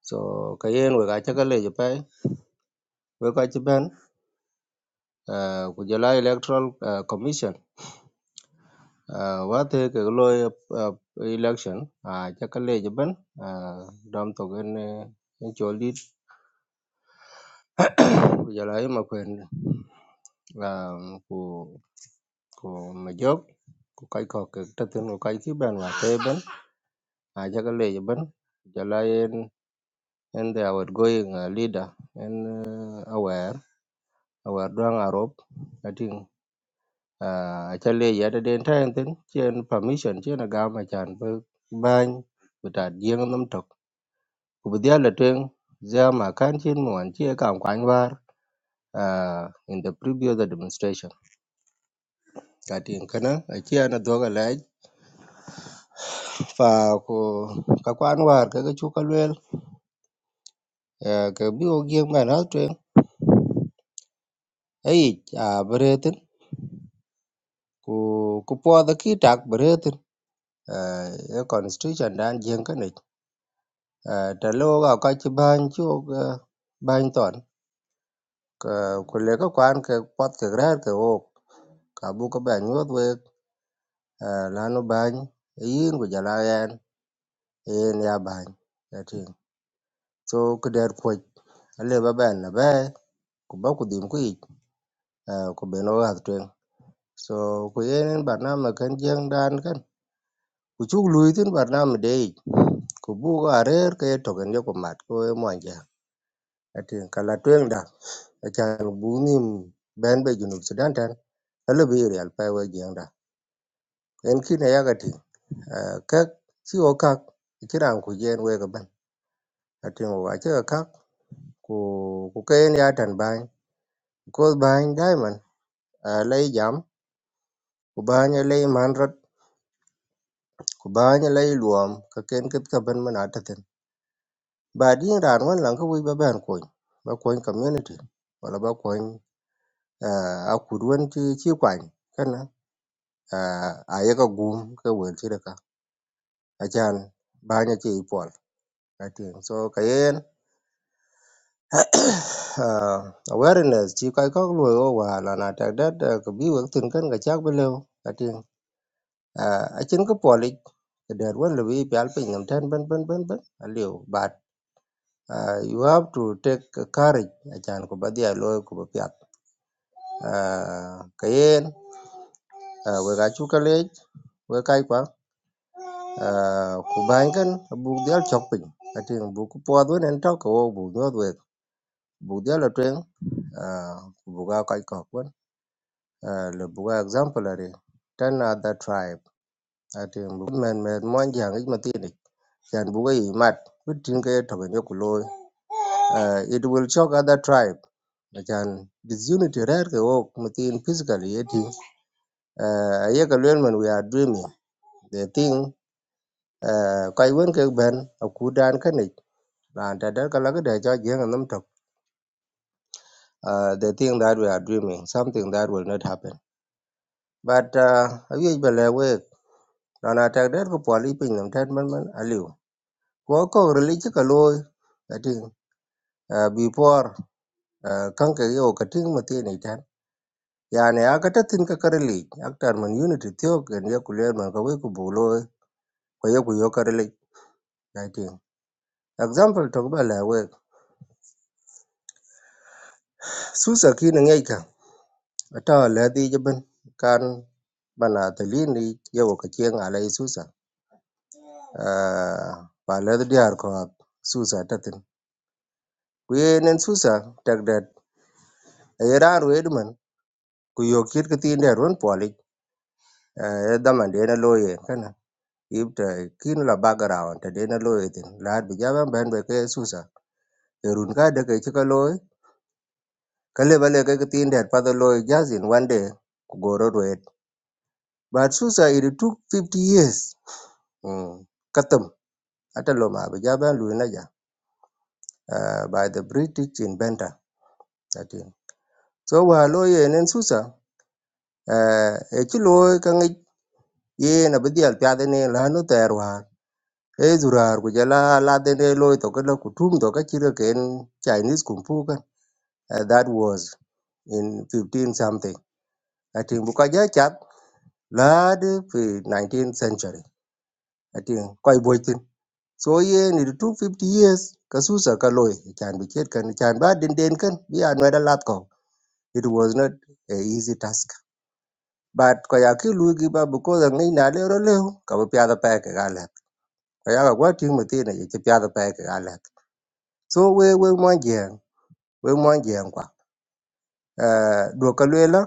So kayen wega che kala je pai wega che ben eh, ku jela electoral eh, commission uh, wate ke loy uh, election uh, chắc cái a uh, che kala cái này, cái to đi giờ lấy mà quyền là của của mà dốc của cây cọ cái trật tự của cây thứ bên là thế bên à chắc cái lệ bên giờ lấy en en the outgoing uh, leader en uh, aware aware đoàn Ả Rập I think à chắc lệ giờ đã đến thay tin trên permission trên là gam mà chán bơ ban bị đạt riêng năm trọc của bây giờ là trường giờ mà can trên muốn chia cảm quan var uh, in the previous demonstration Gatin kanan aci an dwogo lec pa ku ka kwan war ke ki cu ka luel eh, ke bi ko giem kan al tweng eyic a bi retin ku ku puodho ki tak bi retin eh, e constitution dan jien kanic ta lo ga ka ci bany ci wok bany ton Ka- ku le ka kwan ke pot ke rer ke wok ka bu ka ben nyuot wek eh, lanu bany yin ku jala yen yen ya bany ya ting so ku der puoc ale ba ben na be ku ba ku dhim ku yic ah, ku bene wakath tweng so ku yenen barnamij ken jeŋ dan ken ku cuk luyi tin barnamij de yic ku bu ko arer ke token ye ku mat ko ye mwanja atin kala tweng da achan bu nim ben be junub sudan tan ele bi real pa we jeŋ da en kine yaka tin ah, kek ci o kak kiran ku jen we ga ban atin wa ce ka kak ku ku ken ya tan bany ko bany daiman ah, lai jam ku bany lai man rot ku baa nyi lai luom ka ken kit ka bin min a tithin ba din raan wan lan ka wic ba ben kuony ba kuony community wala ba kuony uh, a kut wen ci ci kwany kana uh, a yeka gum ka wel ci ka acan baa nyi ci i pol ka tiŋ so kayen uh, awareness ci kai kok luoi o wa lan a tek det uh, ka bi wek thin kan ka cak bi leu ka tiŋ uh, acin ka polic ka det wen lebi i pial piny nam ten ben ben ben ben a liu Uh, you have to take courage achan ko badia loy ko piat uh, kayen uh, we ga chu kale we kai kwa uh, ku ban kan bu dial chok pin atin bu ku po do nen to ko bu do we bu dial tren uh, bu ga kai ko kwan uh, le bu ga example ari tan other tribe atin bu men men mon jang ik matini chan bu ga i mat bitin ke to ga nyoku loy uh, it will shock other tribe Ajan disunity rare ke work within physically yeti uh, ayeka lwel man we are dreaming the thing uh, kai wen ke ben akudan kanik ran ta dar kala ke da ja jeng nam tok uh, the thing that we are dreaming something that will not happen but uh, awi bele we ran ta dar ko poli pin nam tan man man aliu ko ko rili ka loy ati uh, before uh, kanke yo kating matini yani a ka tatin ka karili aktar man unity tiyo ken ye ku len man ka we ku bulo ko ye ku yo karili i think example to ba la we susa kin ngai ka ata la di jaban kan bana talini ye wo ka chen ala i susa Ah, ba la di diar ko ak susa tatin ku ye nen susa tak dat ye ran we man ku yo kir ka tin der won poli ye daman de na loye kana ibta kin la background ta de na loye tin la bi jaban ben be ke susa erun ka de ke ci ka loy ka le bale ke tin der pa the loy just in one day ku go road wet but susa it took fifty years mm katam ata lo ma be jaban lu na ja uh, by the british inventor that is so wa lo ye nen susa uh, e ci loy ka ngi ye na be dial pya de ne la no ter wa e durar ku jala la de ne loy to ka ku tum to ka ci ken chinese kung fu kan uh, that was in fifteen something atin bu ka ja la de fi 19th century i think koy boytin so ye ni 250 years kasusa kaloy chan bi ket kan chan ba den den kan bi anwada lat ko it was not a easy task but ko ya ki lu gi ba bu ko da ngai na le ro le ka bu pya da pa ka ga le ko ya ga wa ti mu ti na ye ti pya da pa ka ga le so we we mo je we mo je kwa eh do ka le la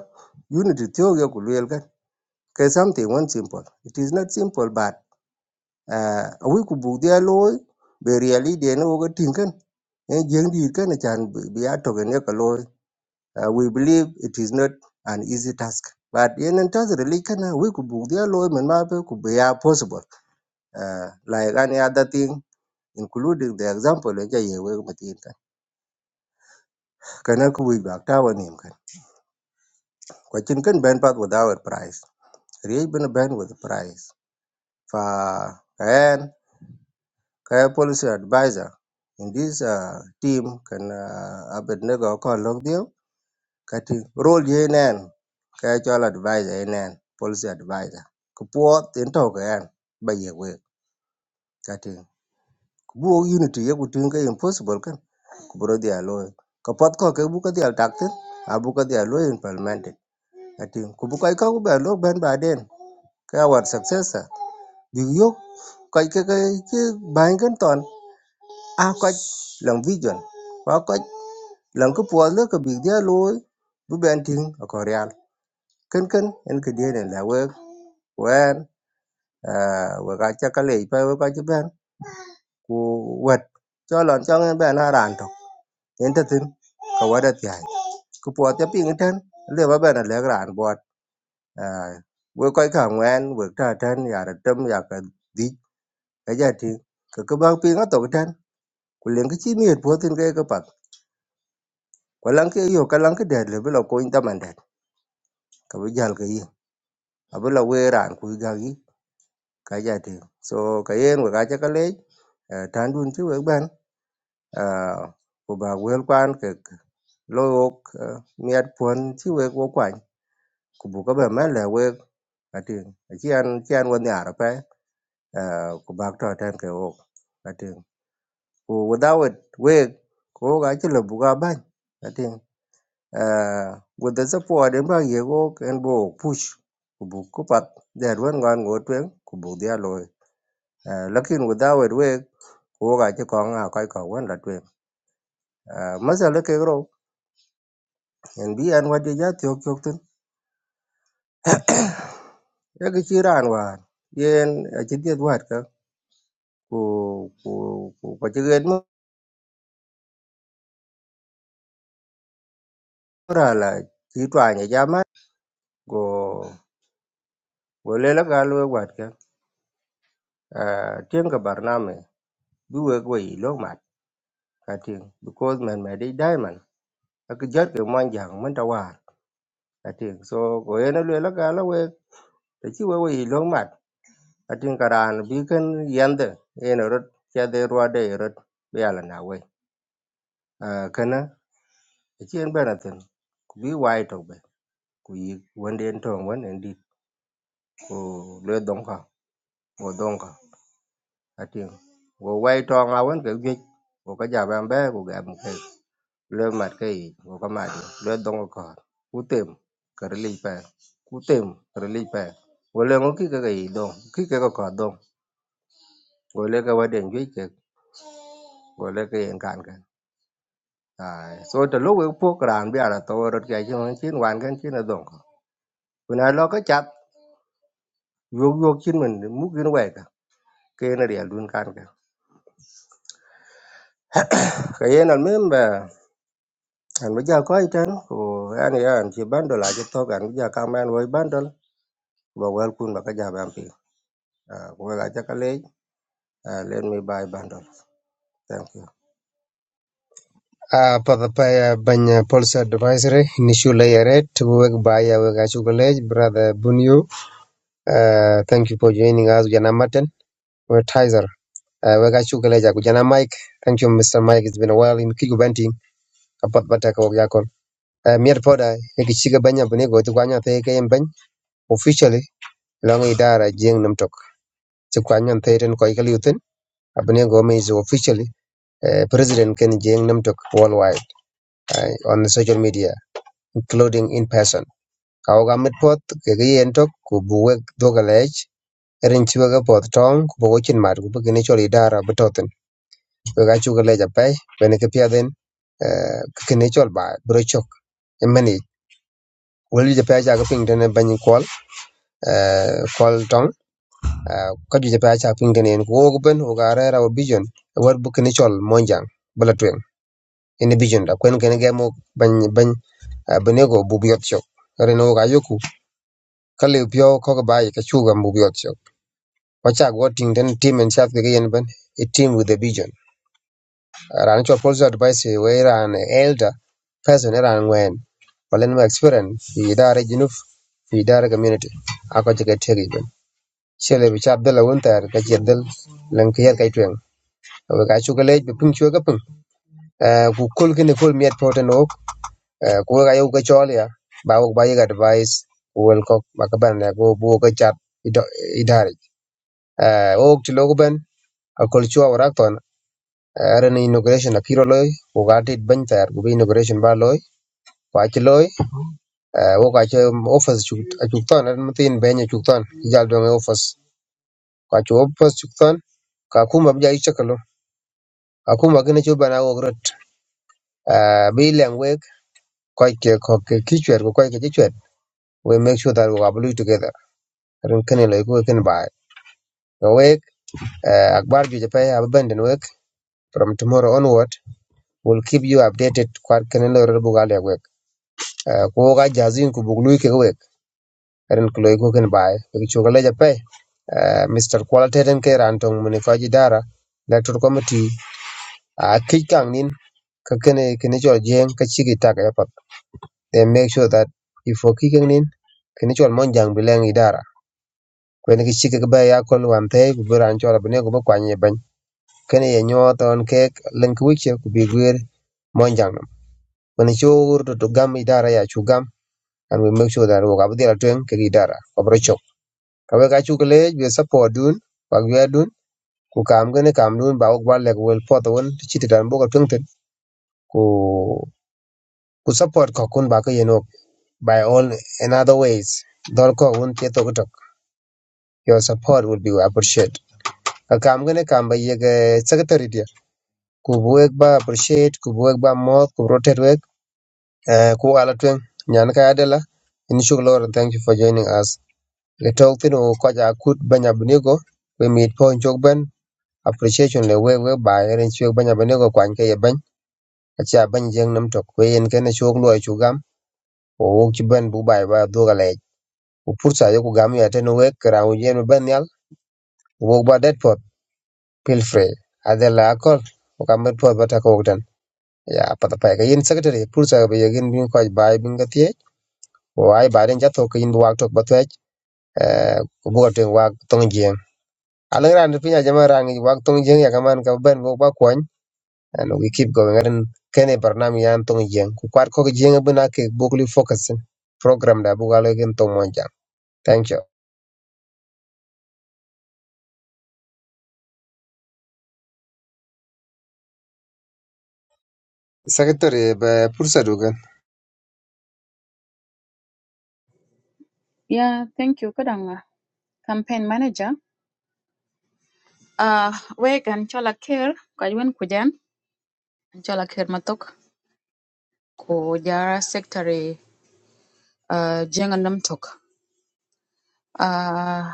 unity theory ku le kan something one simple it is not simple but à wi ku bu dia loy be really de no go tin kan e jeng di kan na bị bi bi ato gen ka loy Uh, we believe it is not an easy task but yen and tas really kan wi ku bu dia loy men ma be ku be ya possible uh, like any other thing including the example ja ye we ma tin kan kana ku wi ba ta wa nim kan kwa chin kan ben pat without price riej bena ben with price fa kan Kaya policy advisor in this uh, team kan uh, Abednego ko log dio kati role ye nen kaya chol advisor ye nen policy advisor ko puot in to ka yan ba ye we kati bu unity ye ku tin ka impossible kan ku bro dia lo ko pot ko ke bu ka dia takte a bu ka dia lo implement kati ku bu kai ka ku ba lo ben ba den kaya war successor bi yo kai ka ka ke ban kan ton a ko lang vision wa ko lan ko puɔl le ko big dia looi bi bɛn tiŋ a ko real kenken en ke dien en la wek wɛn eh, wek a cɛ ka leei pa wek a ci bɛn ku wɛt cɔ lɔn cɔŋ en bɛn a raan tɔ en te thin ka wɛt a thiaai ku puɔl ca piŋ tɛn le ba bɛn a lɛk raan bɔt wek kɔc ka ŋwɛn wek ta tɛn yaar tem ya ka dhic ka ja tiŋ ke ke bak piŋ a thok tɛn ku leŋ ke ci miet puothin ke ke pak ku laŋ ke yo ka laŋ ke dɛt le bi lɔ kuony tamɛn dɛt ka bi jal ke yi abe la we ran ku ga gi ka ja ti so ka yen we ga ja ka le tan dun ti we ban ku ba wel kwan ke lo ok miat pon ti we ko kwan ku bu ka ba ma le we ka ti chi an chi an wan ya ra pa ku ba to tan ke ok ka ti ku without we ko ga chi le bu ga ban ka ti with the support en ba ye ok en bo push ku bu ku pat der wan ngan go twen ku bu dia loy Uh, lakin without work wo ga ci ko nga kai ko wan la twen uh, masala ke ro en bi an wadi ja tyok tyok tun ya ga ci ran wa yen a ci det wat ka ko ko ko ko ci gen mo ra la ci twa nya ja ma go go le la ga lo wat ka uh, tien ga barname bi we go yi lo mat ka tien because man me dai diamond ak jot ke mon jang man ta war ka tien so go yen le la ga la we ta ci we we yi lo mat atin karan biken yande en rot ya de ruwa de rot yala na we kana chien benatin ku bi wai to be ku yi wende en tong wen en dit ko le dong ka ko dong ka atin go wai to nga wen ke ge ko ka ja ban be ku ga mu ke le mat ke yi ko ka ma di le dong ko ku tem ka ri li pe ku tem ka ri li pe wo le ngo ki ka ga yi dong ki ka ka ko dong wo le ka wa den ge ke wo le ka en kan ka à so to lo we po kran bi ara to ro ke chen chin wan kan chin adon ko kuna lo ka chat yo yo chin men mu kin we ka ke na ria dun kan ka ka yen al mem ba an ba ja ko iten anh an ya an chi ban do la je to kan ja ka man we ban do ba wel kun ba ka ja ban pi ko ga ja ka le let me buy bundle thank you
a pa da pa ya banya policy advisor ni shu la yare tu wek ba ya wek a chuglej brother bunyu uh, thank you for joining us jana maten we tizer Eh, wega chukweleja kujana Mike. Thank you Mr. Mike. It's been a while in Kigu Benti. Kapat bata ko yakon. Eh, mier poda ikichiga banya bune go tukwanya te ke mbany. Officially long idara jeng namtok. Tukwanya te ten ko ikali utin. Abune go me is officially eh, president ken jeng namtok worldwide eh, on the social media including in person. Kaoga mit pot ke ge entok ku buwek dogalej. Erin chiwaga pot tong ku bogochin mat ku bugini chol idara betotin. we ga chu le ja pe we ne ke pya den eh, ke ne chol ba bro chok e mani wol ju ja pe ja ga ping den ban ni kol kol tong Eh, ka ju ja pe ja ping den en ko ko ben o ga ra ra vision war bu ke ne chol monjang bala twen ene vision da kwen ke ne ga mo ban ban banego bubiot chok reno ga yoku kale pio ko ga bai ka chu ga bubiot chok wacha go ting den team and chat ga yen ban a team with a vision ran cho policy advice we ran elder person e ran wen walen ma experience fi idara junuf fi idara community ako jega tegi ben shele bi chap dala won tar ka jedel lan ka yer kay twen we ka chu galej bi pung chu ga pung Eh, ku kol gene kol miet poten ok Eh, ku we ga yow ga chol ya ba wok ba yega advice wel ko ba ka ban ne go bo ga chat idari ok ti logo ben akol chu awrak ton ran inauguration akiro loy ku ga tit ban tar ku bi inauguration ba loy kwa ci loy wo ka ci office cuk ton an mutin benya cuk ton jal do ngi office kwa ci office cuk ton ka kuma bija i chakalo ka kuma gina ci bana wo grot bi leng wek kwa ke ko ke ki chwer ko kwa ke ci chwer we make sure that we are blue together rin kene loy ko ken ba no wek eh, akbar ju je pe abandon wek from tomorrow onward we'll keep you updated kwa kene loy ro bugal ya We Eh, ko ga jazin ku buglu ke wek eren kulo iko ken bai ki chugale ja pe Eh, Mr. Qualitative ke ran tong muni ko ji dara electoral committee a ki kang nin ka kene kene chol jeng ka chi ki tak ya pat they make sure that if o ki kang nin kene chol mon jang bileng idara ko ne ki chi ki ba ya kon wan te ku buran chol bne ku ba kwanye ban kene ye nyo ton ke link wiche ku bi gwer mon jang nam ko ne chur to gam idara ya chu gam and we make sure that wo ka bi dira twen ke idara ko bro Kawek acukelech support dun wak ywe dun ku kam kini kam dun ba wak lek wel pot wen ti chi ti dan bo ko tong ten ku ku support ko kun ba ko yen wak by all in other ways dol ko won ti to tok your support will be appreciated ka kam kini kam ba ye ke secretary dia ku bu wek ba appreciate ku bu wek ba mo ku rotate wek eh, ku ala twen nyan ka adela in shuk lor thank you for joining us le tok tin ko ja kut banya bunigo we meet po chok ben appreciation le we we ba eren chuek banya bane go kwan ke yeben acha ban jeng nam tok we yen ken chuok loy chu gam o wok chi ben bu bai ba do gale u pursa yo ku gam ya ten we kra u yen ben yal wo ba det pot feel free adela akol o kam bet pot bata ko tan ya pata pa ke yen secretary pursa be yen bin ko bai bin ga tie o ai ba den jato ke yin bu wak tok ba twech eh ku bu ga ten wak tong jeng alang ran pinya jama ran wak tong jeng ya kaman ka ben go ba kwan and we keep going ren kene barnam yan tong jeng ku kwat ko jeng bena ke bukli focus e. program da bu galo gen tong mon thank you secretary be pursa dugan
Yeah, thank you. Kadanga, campaign manager. Uh, wegan chola Kir kajwen kujan, chola Kir matok, ko jara secretary, uh, jengan tok. Uh,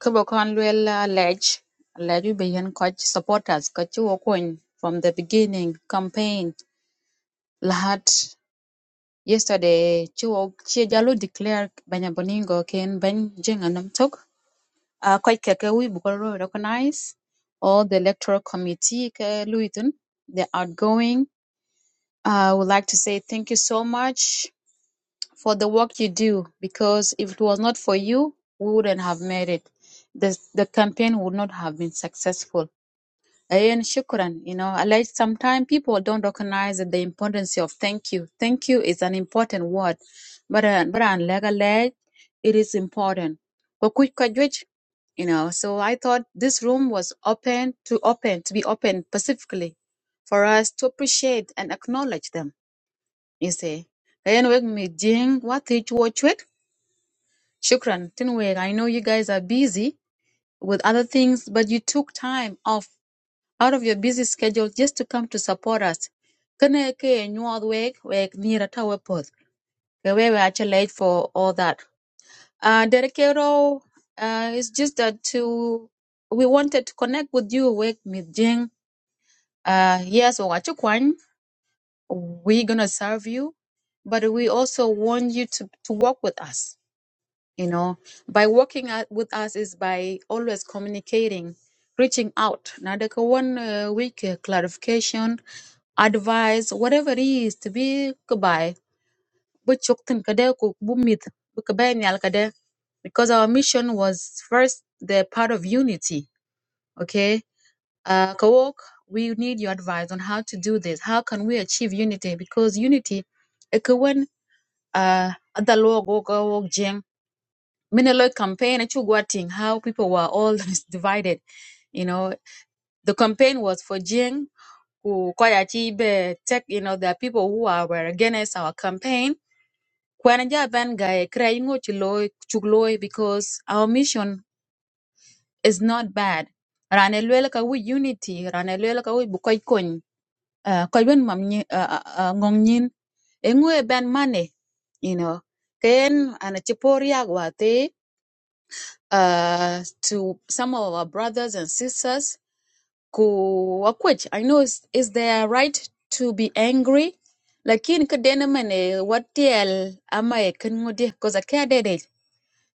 kubokan luel uh, ledge, ledge beyan coach supporters, kachu okwen from the beginning campaign. Lahat yesterday Chiwok Chi Jalo declared Banyaboningo Ken Ben Jing and Namtok. Uh quite keke we bukolo recognize all the electoral committee ke Luitun, the outgoing. I would like to say thank you so much for the work you do because if it was not for you, we wouldn't have made it. The the campaign would not have been successful Ayan, shukran. You know, I like sometimes people don't recognize the importance of thank you. Thank you is an important word, but uh, but on leg it is important. But quick graduate, you know. So I thought this room was open to open to be open specifically for us to appreciate and acknowledge them. You see, ayan wek mi jing what it Shukran. Tin wek I know you guys are busy with other things, but you took time off out of your busy schedule just to come to support us. Kene ke nyuol weg weg nira tawe poth. Ke we were actually late for all that. Uh, Derekero, uh, it's just that to we wanted to connect with you Wek with Jing. Uh, yes, Wachukwan, we're gonna serve you, but we also want you to to work with us you know by working at, with us is by always communicating reaching out now the one uh, week uh, clarification advice whatever it is to be goodbye but chokten kada ku bumit bu ka bayan yal because our mission was first the part of unity okay uh kawok we need your advice on how to do this how can we achieve unity because unity ekwen uh adalo go go Minelo campaign at Chugwating, how people were all divided. You know, the campaign was for Jing, who kwaya chibe tech, you know, there are people who are were against our campaign. Kwananja ban guy crying chugloi because our mission is not bad. Ranelwela ka we unity, ranelwela ka we bukoy kony, koy wen mam nyi- ah, ah, ah, ngong nyin, engwe ban money, you know. Ken ana chipori agwate uh, to some of our brothers and sisters ku akwech i know is is their right to be angry lakin ka dena mane watiel ama e kan ngudi cause i care did it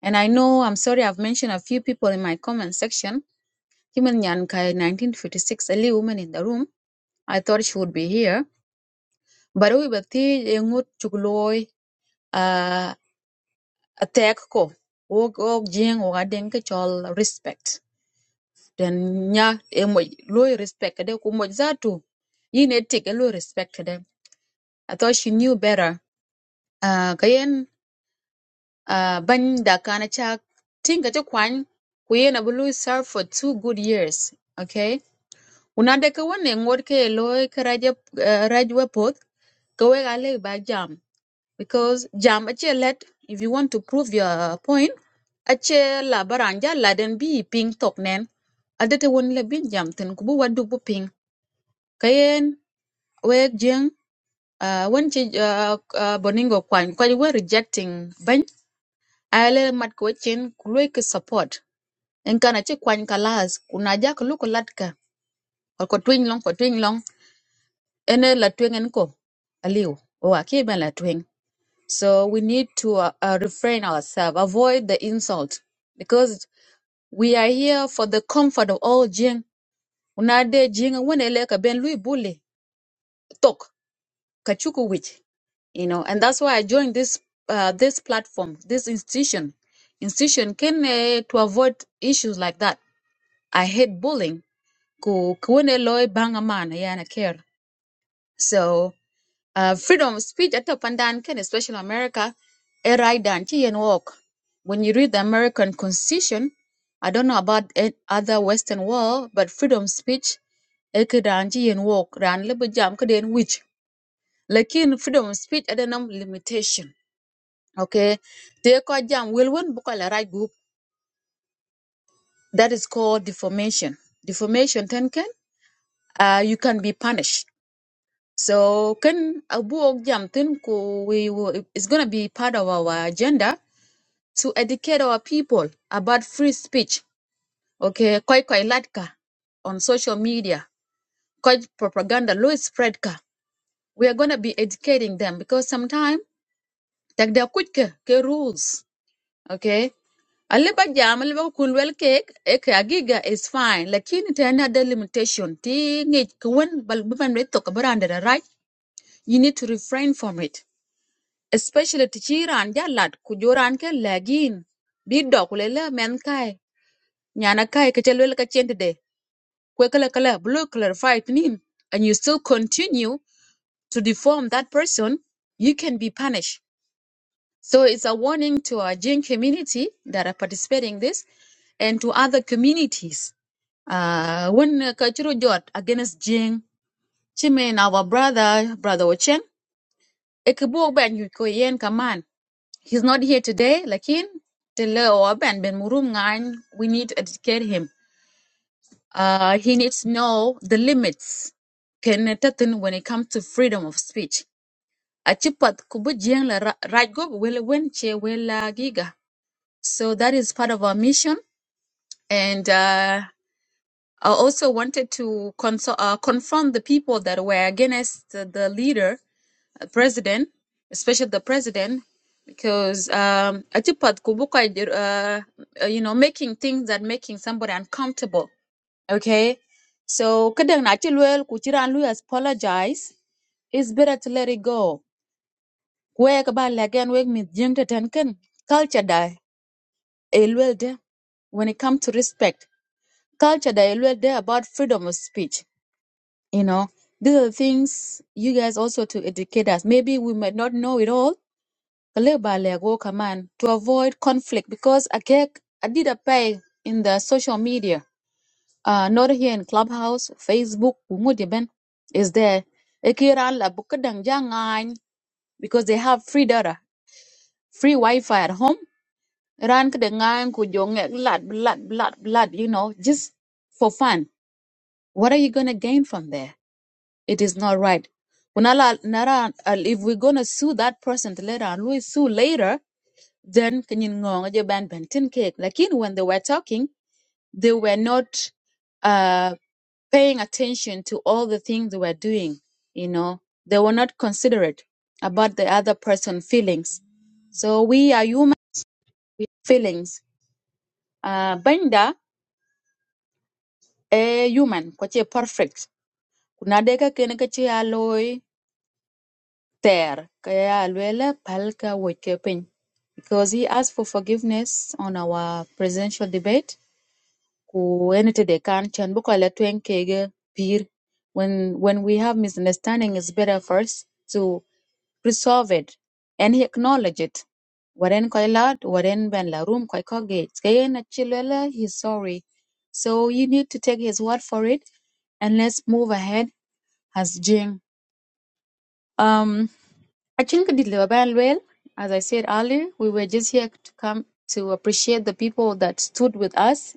and i know i'm sorry i've mentioned a few people in my comment section human nyan ka 1956 only woman in the room i thought she would be here but we bati ngut chukloy uh attack ko wog og jing og adeng ka chol respect then nya e mo lo i respect de ku mo zatu yin e tik e lo i respect de i thought she knew better uh kayen uh ban da kana cha tinga te kwan ku yen abu lo serve for two good years okay una de ka wonne ngor ke lo i ka raje uh, rajwa pot ka we ga le ba jam because jam a che let if you want to prove your point a che la baranja la den bi ping tok nen adete won le bin jam ten ku bu wadu bu ping kayen wek jeng uh, wen ci uh, uh, boningo kwany kwa we rejecting bany ayele mat ko chin ku ki support en kana ci kwany kalas kuna ja ko lu ko latka ko ko twin long ko twing long ene la twing en ko aliw o aki ben la twin so we need to uh, uh, refrain ourselves avoid the insult because we are here for the comfort of all jing una de jing wen ele ka ben lui bully tok Kachukowicz, you know, and that's why I joined this uh, this platform, this institution, institution can uh, to avoid issues like that. I hate bullying. Ku kuone loy bangaman yana care. So uh, freedom of speech at pandan can especially America a right and to and walk. When you read the American Constitution, I don't know about a- other Western world, but freedom of speech, a could and walk, ran little jam could then which lakin freedom of speech ada nam limitation okay te ko jam wel won bu la right group that is called defamation defamation ten ken uh, you can be punished so ken abu og jam ten ko we will, it's going to be part of our agenda to educate our people about free speech okay koy koy latka on social media koy propaganda low spread ka we are going to be educating them because sometimes tak da kuch ke ke rules okay alle ba jam alle ba kun wel cake. e ka giga is fine lakini ta yana da limitation ti ngi kun bal ban re to ka baranda da right you need to refrain from it especially ti chiran ja lat ku joran ke lagin bi do ku le la men kai nyana kai ka chelwel ka chente de kwe kala kala blue clarify tinin and you still continue to deform that person you can be punished So it's a warning to our Jin community that are participating in this and to other communities. Uh, when uh, Kachiro Jot against Jing, Chimen, our brother, brother Ochen, Ekebo Ben Yuko Yen Kaman. He's not here today, Lakin, Tele or Ben Ben Murum Ngan, we need to educate him. Uh, he needs to know the limits can tatin when it comes to freedom of speech. Achipat kubu Jing la ra- right go will win che will giga. So that is part of our mission. And uh, I also wanted to consol- uh, confront the people that were against the the leader, uh, president, especially the president, because um, Atipat Kubuka, uh, uh, you know, making things that making somebody uncomfortable. Okay. So kadang na chilwell kuchiran lu apologize. It's better to let it go. Wek ba lagan wek mit jeng ten culture da elwel de when it comes to respect. culture that you there about freedom of speech. You know, these are things you guys also to educate us. Maybe we might not know it all. Kale ba le go kaman, To avoid conflict because I get- I did a pay in the social media, uh, not here in Clubhouse, Facebook, wumuti ben, is there. Ekira la bukadang jangan, Because they have free data, free Wi Fi at home. Ran kadangan kujongek blood, blood, blood, blood, you know, just for fun. What are you going to gain from there? It is not right. Kunala nara al- if we're gonna sue that person later and we sue later, then kinyin ngong je ban bentin cake. Like in when they were talking, they were not uh paying attention to all the things they were doing, you know. They were not considerate about the other person's feelings. So we are human with feelings. Uh, Benda a human, kwache perfect. Kuna deka kene kache there kaya alwela palka wakepin, because he asked for forgiveness on our presidential debate ku enete de kan chan buko la twen kege pir when when we have misunderstanding it's better first to resolve it and he acknowledged it waren koy lad waren ben la room koy ko kaya na chilwela he's sorry so you need to take his word for it and let's move ahead as jing um, I think actually, did Liverpool well? As I said earlier, we were just here to come to appreciate the people that stood with us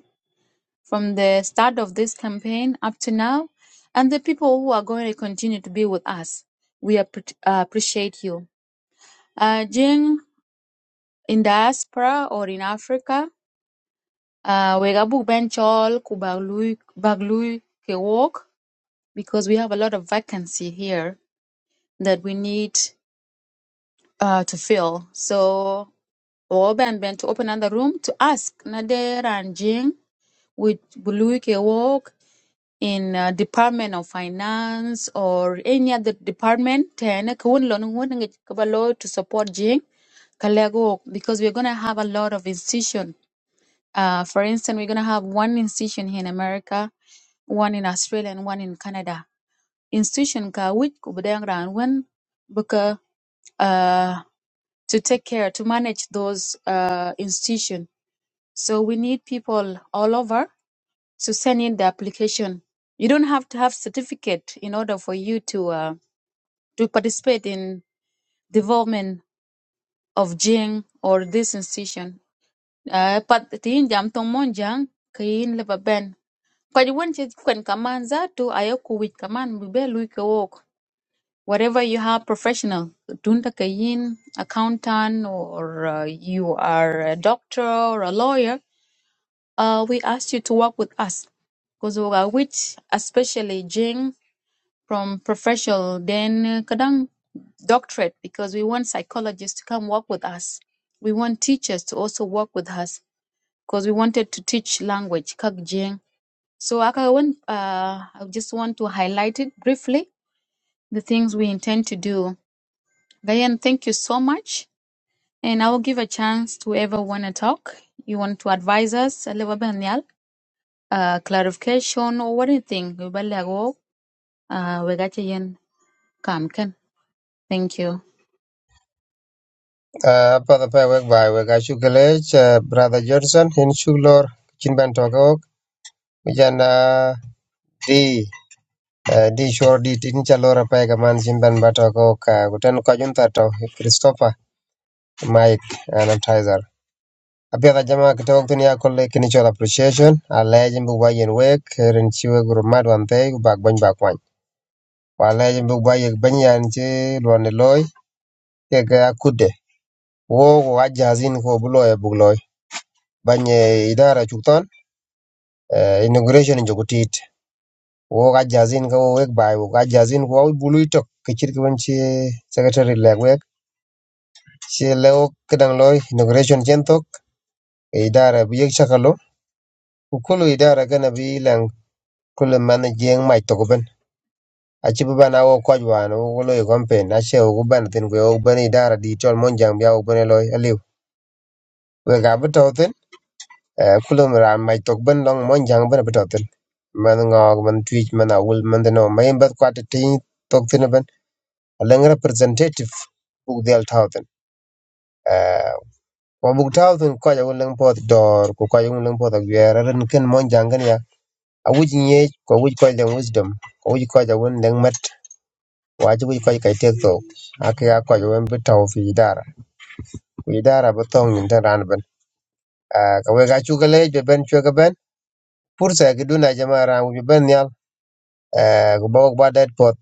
from the start of this campaign up to now, and the people who are going to continue to be with us. We appre- uh, appreciate you. Uh, Jing in diaspora or in Africa, uh, we gabu benchol kubaglui baglui kewok because we have a lot of vacancy here that we need. uh, to fill. So Oban went to open another room to ask Nader and Jing with Buluike work in uh, Department of Finance or any other department tena kun lon won ngi kabalo to support Jing Kalego because we're gonna have a lot of institution. Uh, for instance, we're gonna have one institution here in America, one in Australia, and one in Canada. Institution ka which kubudang ran when buka uh, to take care to manage those uh, institutions. So we need people all over to send in the application. You don't have to have certificate in order for you to uh, to participate in development of Jing or this institution. Uh, but the injam tong monjang kayin leba ben. Kwa jiwen che kwen kaman za tu ayoku wich kaman bibelu ike wok. whatever you have professional dunta kayin accountant or uh, you are a doctor or a lawyer uh, we ask you to work with us because we are which especially jing from professional then uh, kadang doctorate because we want psychologists to come work with us we want teachers to also work with us because we wanted to teach language kak jing so I, want, uh, I just want to highlight it briefly the things we intend to do Diane, thank you so much. And I will give a chance to whoever want to talk. You want to advise us a little bit on the, uh, clarification or anything. You better go, uh, we got you in. Come, can. Thank
uh, pa da pa e wek bai wek achu gele uh, brother johnson hin shuglor chin ban to ko jan uh, di uh, di shor di tin cha lora pa ga man chin ban ba ka guten ko jun to christopher mike and Tizer. Abiyaga jama kitoko tuni ya kolle kini chol appreciation. A legend bu ba yen wek, rin chiwe guru mad wan thay, gu bak bany bak wany. Wa legend bu ba yek bany yan chi luan loy, kek ya kudde. Wo go a jazin ko bu loy bu loy. Bany e idara chukton, inauguration in jokutit. Wo ga jazin ko wek bai, wo ga jazin ko bulu itok. Kichir kiwen chi secretary leg wek. Chi leo kedang loy, inauguration chentok, idara bu yek chakalo. Kukulu idara gana bi lang kulu mana jeng mai toko ben. aci bi ban a wo kɔc waan wo lo i kɔmpen ace wu ku bɛn thin kue wok bɛn idara di cɔl mɔnjaŋ bia wok bɛn e lɔi aliu wek a bi tɔ thin eh, kulum raan mac tök bɛn lɔŋ mɔnjaŋ bɛn bi tɔ thin mɛn ŋɔɔk mɛn tuic mɛn awul mɛn thin o mayim bɛth kuat titiny tök thin bɛn leŋ representative buk dhiɛl tau thin Eh, kɔ buk tau thin kɔc a wun leŋ pɔɔth dɔɔr ku kɔc wun leŋ pɔɔth aguɛɛr aren kën mɔnjaŋ kën ya awuc nyiec kɔ wuc kɔc leŋ wisdom kɔ wuc kɔc a wun leŋ wajib ko kai tek tok ake ya ko wen bi taw fi idara Fi idara bi tong nin tan ran ban Ah, ka we ga chu ga le be ben chu ben pursa ki duna jama ran wi ben yal Eh, ku ba ba det pot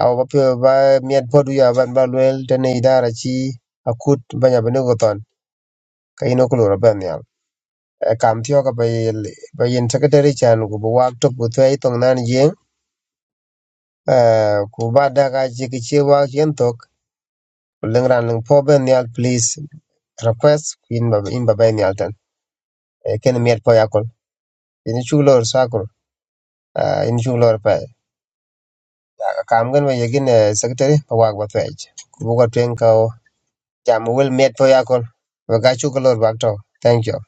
aw ba pe ba miet pot ya ban ba luel tan idara chi akut banya bene ko ton ka ino ko ro ben yal Eh, kam tiyo ka ba yel ba yin secretary chan ku bu wak tok bu twai tong nan jing Eh, ku ba da ga chi ki chi wak yen tok leng ran leng po ben yal please request kuin ba in ba bay ni altan e ken miet po yakol in chu lor sakol ah, in chu lor pa kam gan ba yegin eh, secretary pa wag ba twaj bu ko twen ka o jam wel miet po yakol ba ga chu lor ba to thank you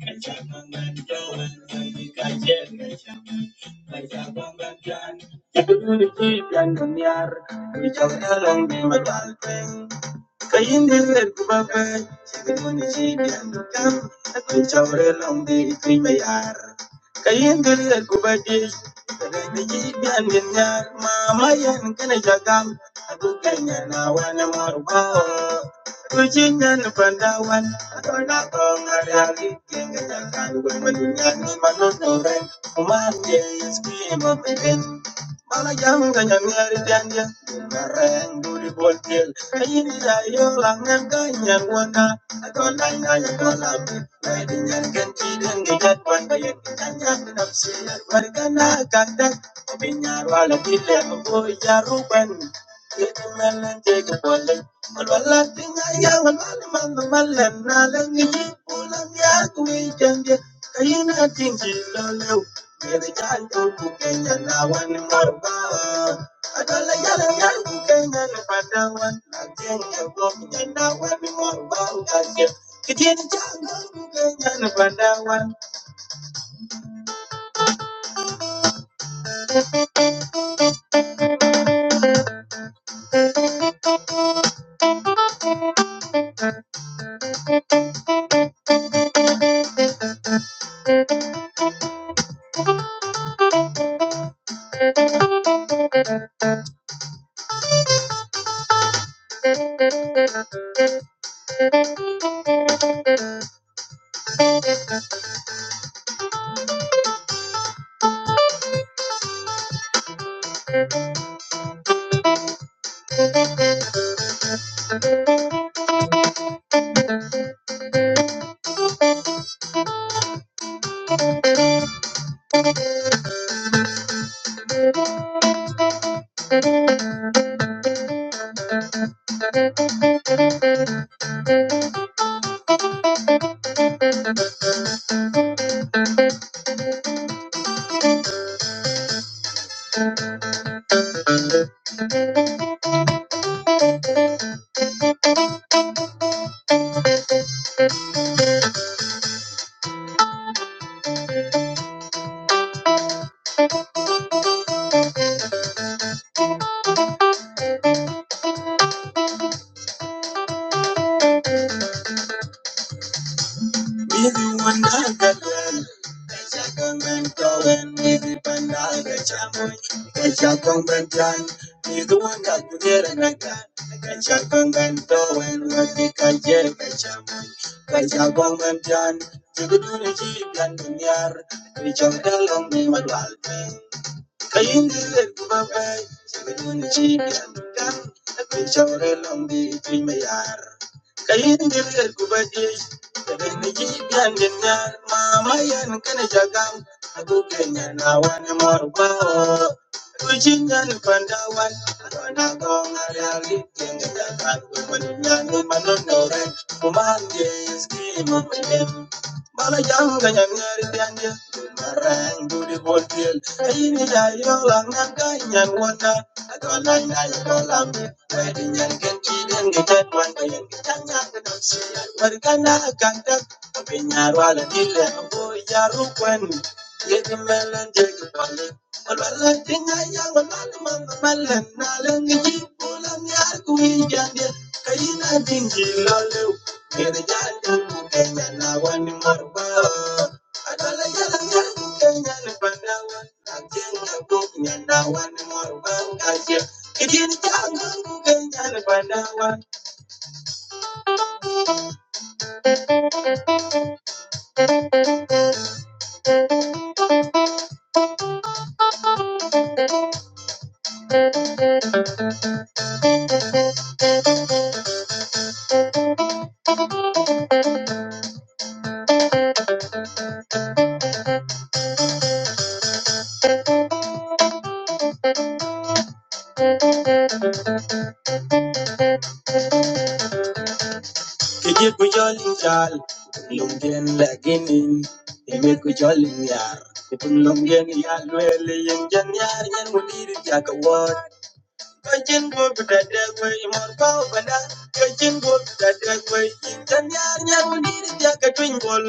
you. Kayindiler kubaba, sikun jibian dukam, aku cawre lombi kui bayar. Kayindiler kubadi, kadang jibian dinyar, mama yang kena jagam, aku kanya nawan marba. Kujinya pandawan, aku nak pengalih tinggal jalan, aku mendunia ni manusia, umat dia iski mopeden. Mala jam ka nyang nyari dia. Bareng duri bol tiel. Kayin ya yo lang ngam ka nyang waka. Ako lang na ya ko lang. Pwede nyan kan Kanya pinapsi at warga na kagdag. Pinyar wala tila maboy ya ruban. Ito melan tiga boleh. Walwala tingaya walwala mama malam na lang ngi pulang ya kuwi dia. Kayin ating silolaw. Now one, more bar. I don't like Na wani marba adala yala yangu kenyan padawan agenya gomnya na wani marba ngajem kitieni cha kenyan padawan Even one night that well, I can't Nini wanagagana Kachakongan Kayindilet kubabay, sabidun chibis kan, akwin chawre lombi tuin mayar. Kayindilet kubajay, sabidun chibian genyar, mama yan kane jagang, aku kenya nawan morbao. Kuchinyan pandawan, adona kong ariali, kenga jagan, kumanyan manonoren, kumangge skimo menem. Mala janga yang ngari bianja. Marang budi bolpil. Ini dari orang naga yang wata. Atau lain aja kolam. Wedi yang kenci dan gejan wanda yang gejanya kenal sian. Berkana kandak. Tapi nyarwala dile. Boy jarukwen. Yeti melan jeki balik. Walwala tinga yang walwala mama malan. Nalang geji pulang yar kuwi jandil. Kayina dingi lalu. Kujolin yar, kipun longgen yar, nuele yang jan yar, yang mulir jaga wat. Kajin go to that dark way, more power than that. Kajin go to that dark way, then the army will need it like a jacket twin ball.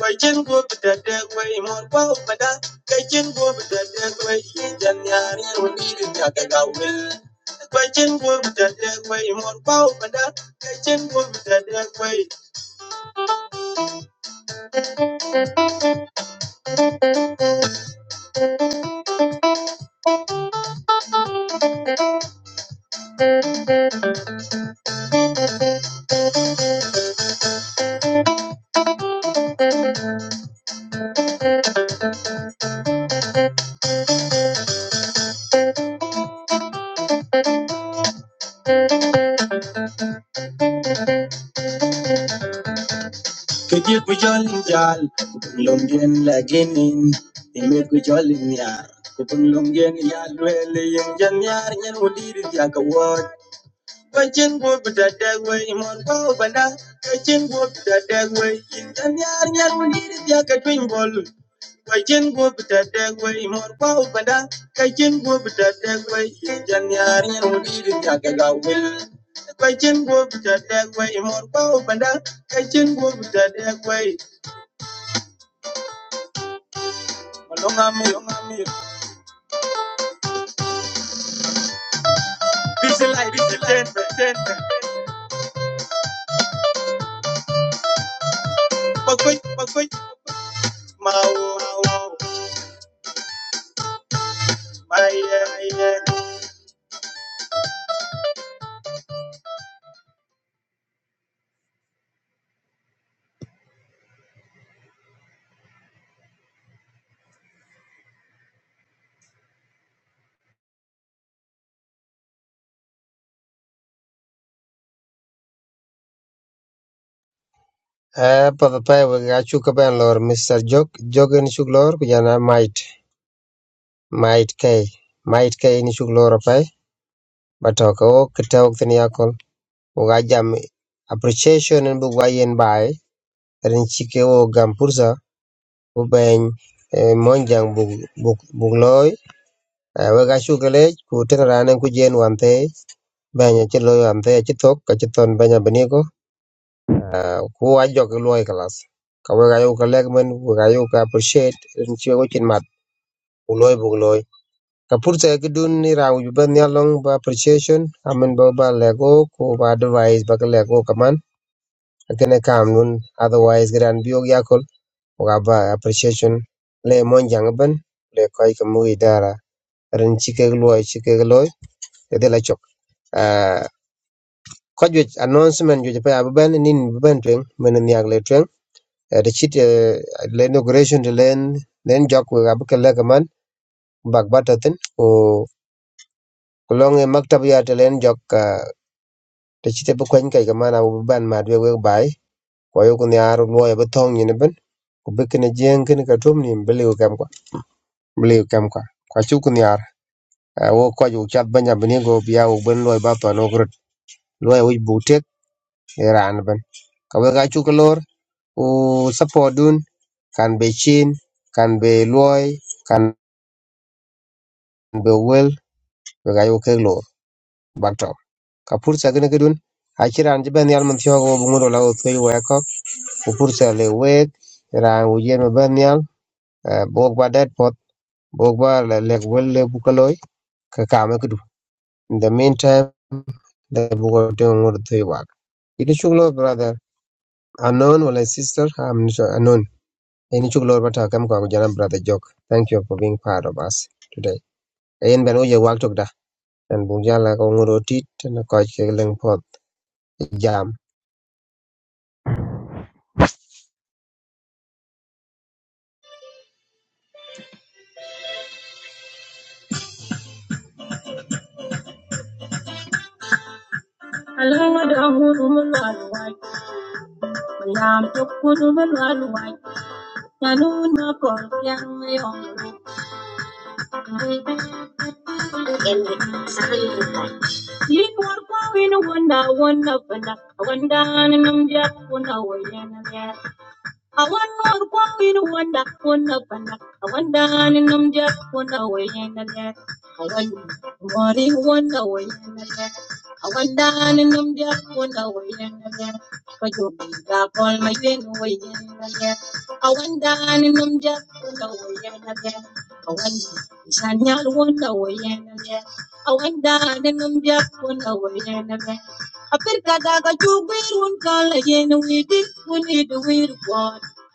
Kajin go to that dark way, more power than that. Kajin go to that dark way, then the army will need it like a jacket will. Kajin go to that dark way, more power than that. Kajin go to that dark way. Kajin go jolly jal, Lungian laginin, Imit go jolly yar. Kupun lungian yal, well, yin jan yar, yan need it like word. Kachin gup da dagway, imon ko banda. Kachin gup da dagway, intan yar yar munir ya katwin bol. Kachin gup da dagway, imon ko banda. Kachin gup da dagway, intan yar yar munir ya kagawil. Kachin gup da dagway, imon ko banda. Kachin gup da dagway, malonga malonga mir. Bisilai bisilai ten ten. Pakoy pakoy mau mau. Bye
e pa pa pa we ga chu ka ben lor mr jog jog in chu lor ku jana might might k might k in chu lor pa ba to ka o kitaw tin yakol u ga jam appreciation in bu yen bai rin chike o gam pursa kuben monjang buk buk buk loy we ga shu gele ku teng rane ku jen wante banya che l o wante che tok ka che ton banya bani ko ku a jok loy kalas ka we ga yu ka lek men we ga yu ka appreciate n che go chin mat u loy buk loy ka purse ke dun ni raw ju ben ya long ba appreciation amen ba ba lego ku ba advice ba lego kaman akene kam nun otherwise gran biog yakol wa ba appreciation le monjang ben le koy ka mu idara ren chike gi luo chike gi loy de la chok Ah, ko ju announcement ju pe aben nin ben twen men ni agle twen de chit eh, le inauguration de len len jok we ab ke le man bag batatin o kulong e maktab ya de len jok ah, de chit e bu kwen kai ga man abu ban ma de we bai ko yo kun yar luo e bu tong ni ben ku be ken jeng ken ka tum ni bele kam kwa bele kam kwa kwa chu kun yar Ah, wo ko ju chat banya bini go biya wo ben loy ba pa no grot loy wi bu tek ran kawek acuk lor ku support dun kan be chin kan be luoy kan be wel wek ayu kek lor bak to ka pursa kene kedun achiran je ben yal man tiyo go bungudo la o tey we ko ku le wek ran u yen ma yal eh, ba det pot bok ba le le wel le bu ko ka kame kedu in the meantime the bugo te ngur tey wak Itu chuk brother unknown wala sister i'm sure, unknown Any chuk lor bata kam kwa kujana brother Jock. Thank you for being part of us today. Ayen ben uye wak tok da. And bujala ko nguro tit na koj ke leng pot jam.
bye. làm chúc cô chú bất ngờ ngoài nhà luôn nó còn đang mê hồn em bị sai chỉ muốn qua bên wanda wanda wanda wanda nên nằm giấc wanda wanda I wonder, Awanda kwawin wanda kuna pana. Awanda ni namja kuna wayena net. Awanda mori wanda wayena net. Awanda ni namja kuna wayena net. Kajobi da pol mayen wayena net. Awanda ni namja kuna wayena net. Awanda isanyal wanda wayena net. Awanda ni namja kuna wayena net. A bit that I do wear one color, you,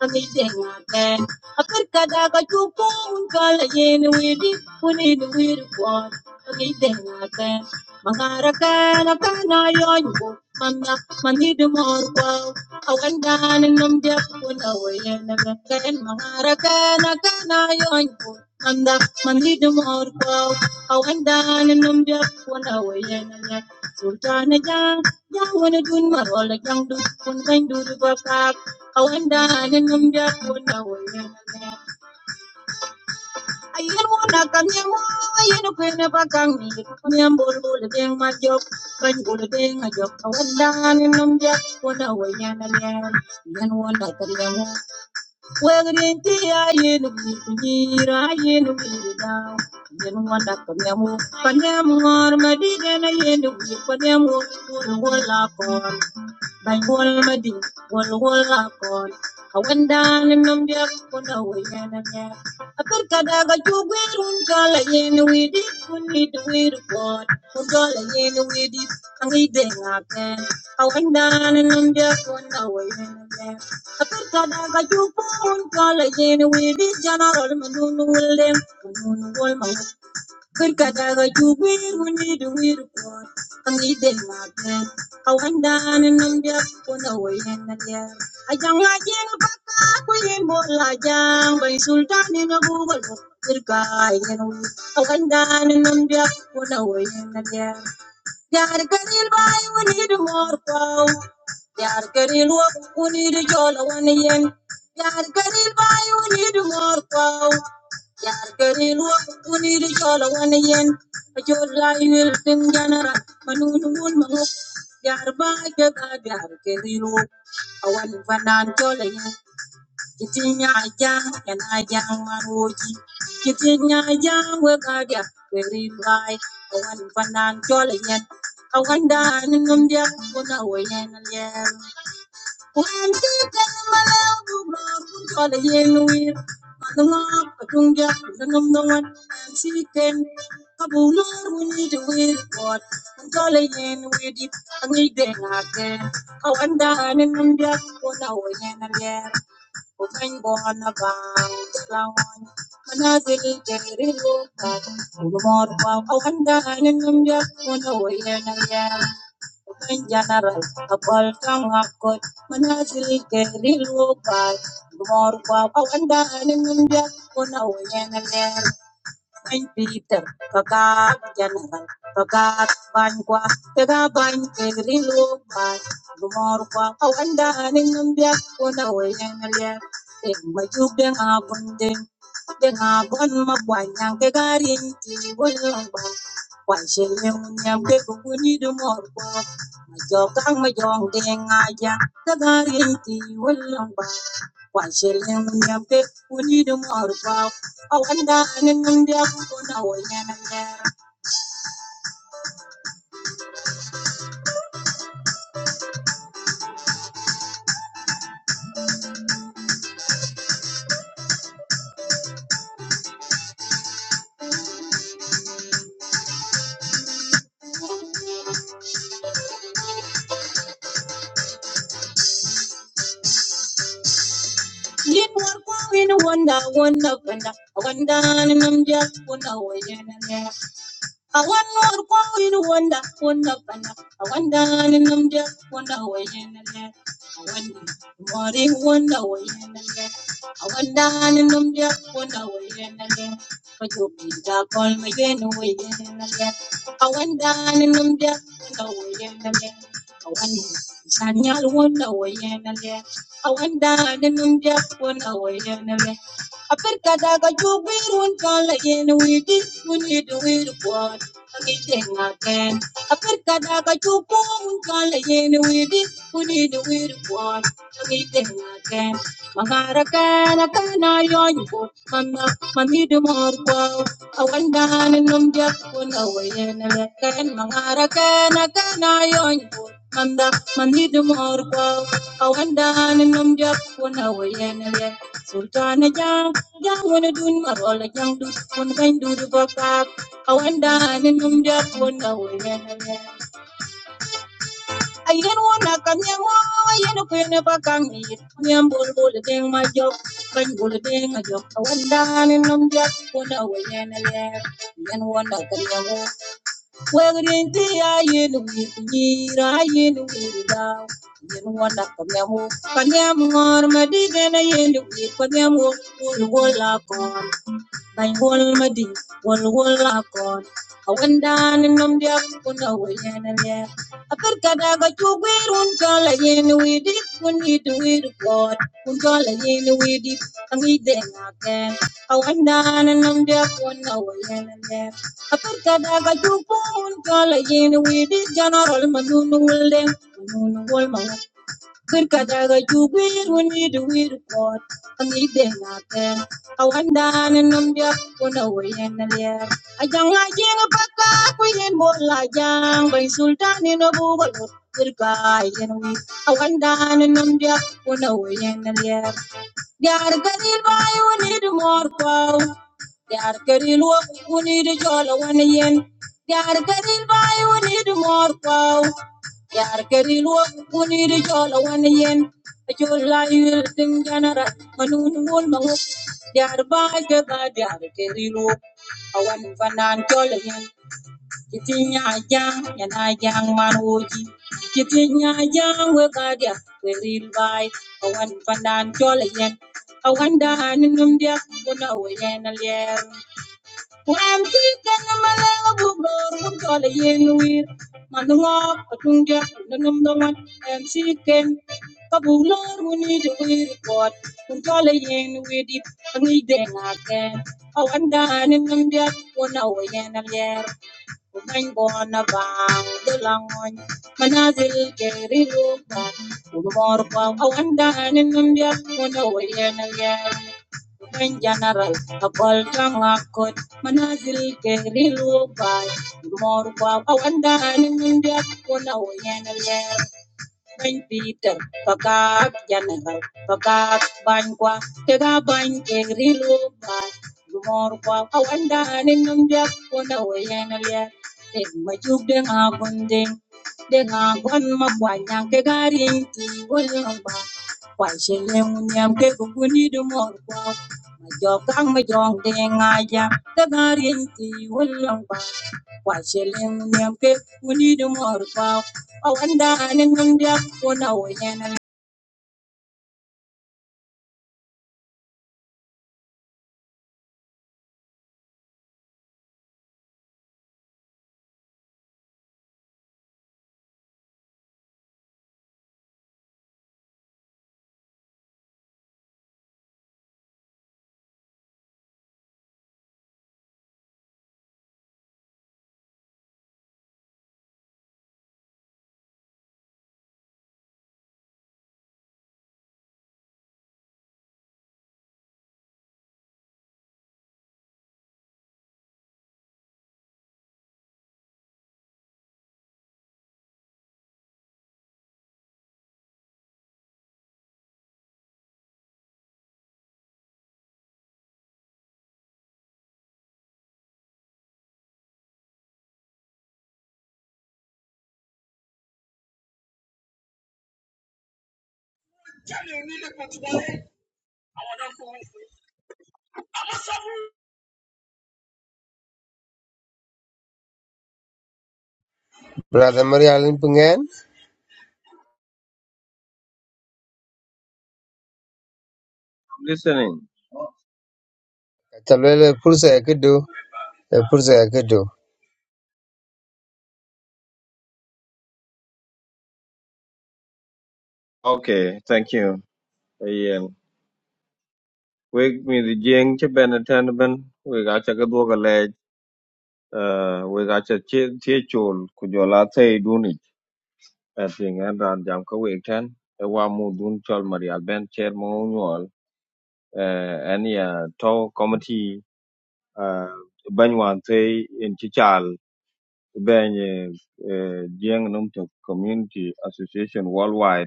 Apir kada ka chubir un kala yen widi un idu wir kwat. Angin dengar ten. Apir kada ka chubir un kala yen widi one. idu wir kwat. Angin dengar Makarakana kanayon ko, manda manidumor ko, awandahan ng diyak ko na wayan na gagawin. Makarakana kanayon ko, manda manidumor ko, awandahan ng diyak ko na wayan na gagawin. Sultana jang, jang wana dun marola jang dun kun kain dun babak, awandahan ng diyak ko na wayan na Ayirwana kanyamo ayinu kwene bakangi kanyambo lule ding majok kanjule ding ajok kawadan inumja wana wayana nyan yan wana kanyamo wegrin ti ayinu kunyira ayinu kunyira yan wana kanyamo kanyamo armadiden ayinu kunyira kanyamo wala wala by wall madin, wall wall akon. Kawendan num biak kuna wayana ya. Apir kadaga chugwerun kala yen widi kunid wid god. Kugala yen widi angi and Kawendan num biak kuna wayana ya. Apir kadaga chugwerun kala yen widi general manunu will them, Manunu will my. Could Kakala could we need to read report? And we did not get. I went down and I'm just on the way in the air. I don't like it, but we ain't more like jam by Sultan in a bubble. Good guy, you know. I went down and I'm just on the way in the air. Yar Kadil Bai, we do more cow. Yar Kadil Wap, we need a jola one yen. Yar Kadil Bai, we do more cow. Yaqarkeetiin waqtii ricola wanayen ajoolaa wiltin janara manuun mangok yarbaa jagaa gaarkeetiin awan fanaan tolayen kitinya ajaa kanaa jaa marooji kitinya ajaa weqaa gaarkeetiin baay awan fanaan tolayen awan daanin namdiya kuna wayen alyeer. Kantiita akkatundiya kuna namdawan siiteen kabuulaa Man go leen with it, and we did not care. I wonder if we know we're not there. We ain't gonna find no one. Man, I'm really too much for you. I wonder where you are. I'm not a welcome at court. Man, I'm really getting low, but too much for you. I wonder if you know you're not there. We ain't bitter, but I'm just a guy. I'm just a guy. morwa au anda aning ambia wona woyen alia deng deng bon nyam kemi du morwa jo kang ma jong deng aja tagarang ba kwa shin nyam te uni du morwa anda aning lin morwa win wonda wonda wonda wanda aning ambia wona woyen alia awan morwa win wonda wonda wonda wanda aning ambia wona woyen Wari wanda waye na ye, a wanda hannun numbiya wanda waye na ye, wajo pita kol waye na waye na ye, a wanda hannun numbiya wanda waye na ye, a wanda sanyal wanda waye na ye, a wanda hannun numbiya wanda waye na ye. daga jubir wun kala widi wuni di wiri kwad, a ken. A daga jubu wun kala yen Unini wiri won, chagite again. Mangara kana kana yon ko, mamma mamidu mor ko. Awanda hanum jak kun awayena lekan. Mangara kana kana yon ko, mamma mamidu mor ko. Awanda hanum jak kun awayena lekan. Sultana jang jang wana dun marola jang dun kun kain dun bakak. Awanda hanum jak kun awayena lekan. Ayen wona kan yang wo ayen ko yana bakang ni nyam bol bol deng ma jok kan bol deng ma jok wanda ni nom dia wona wayen le ayen wona kan yang wo wegrin ti ayen wi ni ra ayen wi da ayen wona kan yang wo kan yang ngor ma di gena ayen wi kan wo bol bol la ko like one madi, one one wall lock on. I went down and I'm the up on the way and yeah. I could get a got you where one call again with it when you do it God. One call again with it. I'm eating again. I went down and I'm the up on the way and yeah. I could get a got you one call again with it. General Manunu will them. Kır kadaga jubir wani da wir kot I de na ten awanda nan nam dia wona wayen na ler ajang ajing pakka kuyen bor la jang bay sultan no bu bal kir ka yen wi awanda nan nam dia wona wayen na Diargaril bai wani di morkau. Diargaril wani di jola wani yen. Diargaril bai wani di morkau. Diargaril wani di jola wani yen. Ajola yul tin janara manun wul mangu. Diar bai ke ba diargaril wani. Awan fanan jola yen. Kitinya aja yana yang manuji. Kitinya aja we kadia Awan panan jol Awan dahan num dia kuna we yen alier. Wan kikan malang bubro kun jol yen wir. Manungok patung dia num dongan MC ken. Kabulor wuni de wir Kun jol yen dip ngi dengaken. Awan dahan num dia kuna we alier. Ubengona bang dulangon manazil keri lupa ulumor pa awanda ninambya muna wayena yan Ubeng general kapal tangakot manazil keri lupa ulumor pa awanda ninambya muna wayena bany Peter, pakat General, pakat bany kwa, tega bany egrilo bar, gumor kwa awanda anin nung diak wanda wayan alia, teg majuk deng agun deng, deng agun mabwanya kegaring ti wala ba, kwa shelem nyam ke guguni dumor kwa, majok kang majong deng aja, kegaring ti
Brother Maria lin pungen.
listening.
Chalwele pulsa ya kudu. Pulsa ya kudu.
Okay, thank you. Ayen. Wig mi the jing che ben atenben. We got a good work leg. Uh, we got a teachul. Could you la say it? I think and on jam ka wig ten. E wa mu dun chol marial ben chair mo Uh, any uh, to committee. Uh, ben one say in chichal. Ben uh, jing num to community association worldwide.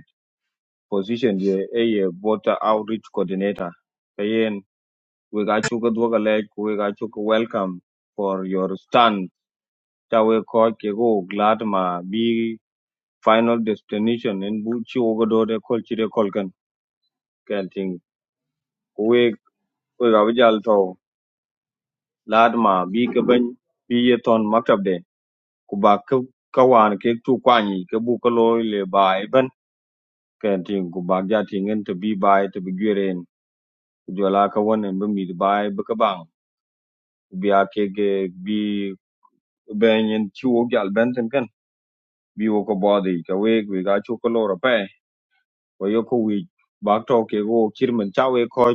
position je eye voter outreach coordinator kayen we ga chuka dwoga lech we ga chuka welcome for your stand ta we ko ke go glad ma bi final destination en bu chi go do de kol chi de kol kan ken ting we we ga bijal to lad ma bi ke ban bi ye ton maktab de ku ba ka kawan ke tu kwani ke bu ko lo le bai ban ken ting ku ba ja tingen to bi bai to bi geren ku jola ka wonen bi mi bai bi ka bang bi a bi ben yen chi wo gal ben ten kan bi wo ko bo di ka we we ga chu ko lo ra pe wo yo ko wi ba to ke go chir men cha we ko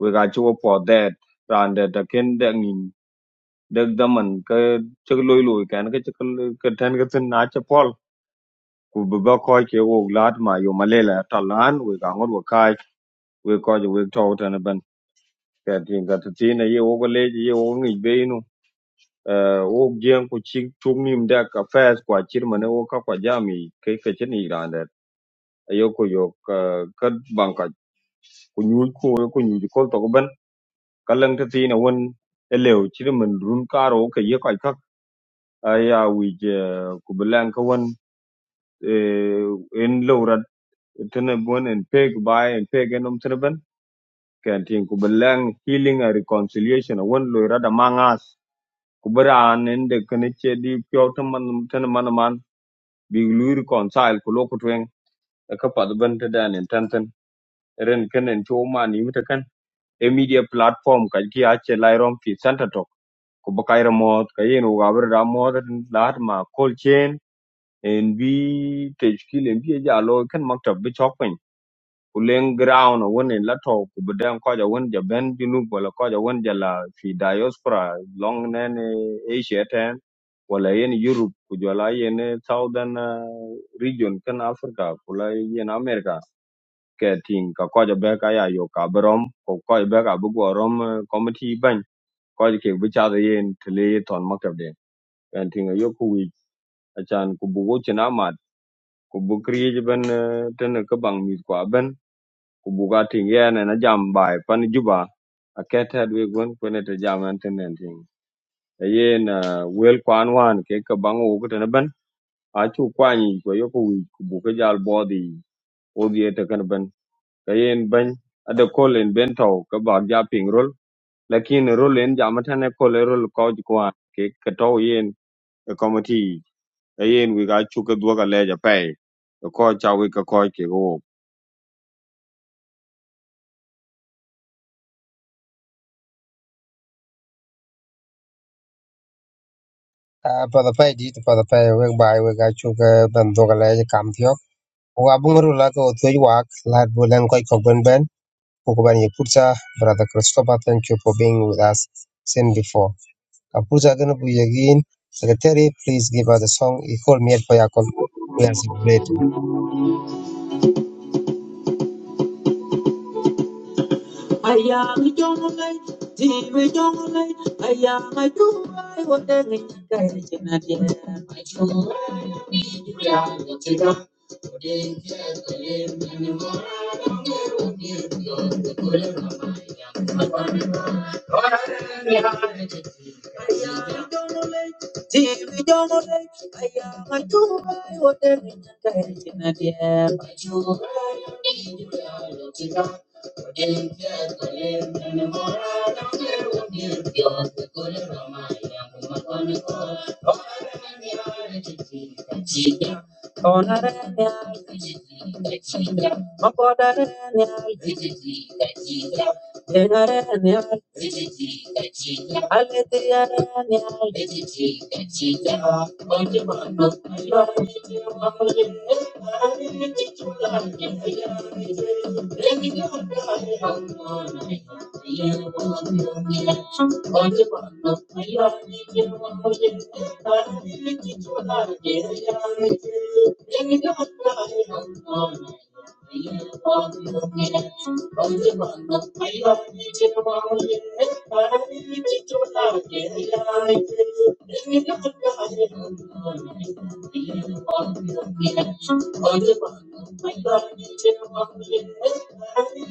we ga chu po de ran de ta ken de ngin de da man ka chu lo lo kan ka chu ka ten ka tin na cha pol ku bu ba ko ke wo lat ma yo ma talan, la ta lan we ga ngor wo kai we ko ju we to ten ben ka tin ka tin ne ye wo ko le ye wo ngi be wo jiyan ku ci tumim da ka fes kwa chirma ne wo ka kwa jami ke ke chen i rande ayo ko yo ka ka banka ku nyu ko ku nyu ko to ban ka lang ta tina won elew chirma run karo ke ye ka ka aya wi je ku belang ka won en lowrat tene bon en peg bai en peg enom tene ban kan tin ku belang healing and reconciliation won lowrat da mangas ku bara an en de kene che di pyo tan man tan man big lui reconcile ku loku tweng e ka pat ben te dan en tanten ren ken en cho man yimte kan e media platform ka ki a che lai rom fi center talk ku ba kai ramot ka yen u ga ber da mo ma cold chain en bi te shkil en bi ja lo kan maktab bi chok pen ku leŋ ground wun in la to ku bi den koja wun ja ben junub wala koja wun ja la fi diaspora long nen eh, asia ten wala yen europe ku jola yen eh, southern eh, region kan africa kula yen america ke tin ka koja be ka ya yo ka brom ko koja be ka bu go rom eh, committee ban koja ke bi cha de yen tele ton makabde en tin yo ku wi achan ku bu go china mat ku bu kriye ben eh, tene ka bang mi kwa ben Kubuka buga ting yen na jam bai pan juba a ket had we gon kwene te jam an ten nen ting e yen ah, wel kwan wan ke ka bang wo ku ten ben a chu kwani ko yo ku wi ku jal bodi odi te kan ben ka yen ben ada kolen bentau, tau ka ba ja ping rol lakin rol en jam tan e kole rol ko ji kwan ke ka tau yen e komati e yen wi ga chu ka duoga leja pai ko cha wi ka ko ke go
pay pai di tu pada pai wek bai wek achu ke ben doga je kam tiok. Wa bunguru la ko tuj wak. Lad bulen koj ko ben ben. Kukuban ye pulsa. Brother Christopher, thank you for being with us since before. Kapusa going again. Secretary, please give us a song. He called for at Payakol. We are celebrating.
I am Thank you. Thank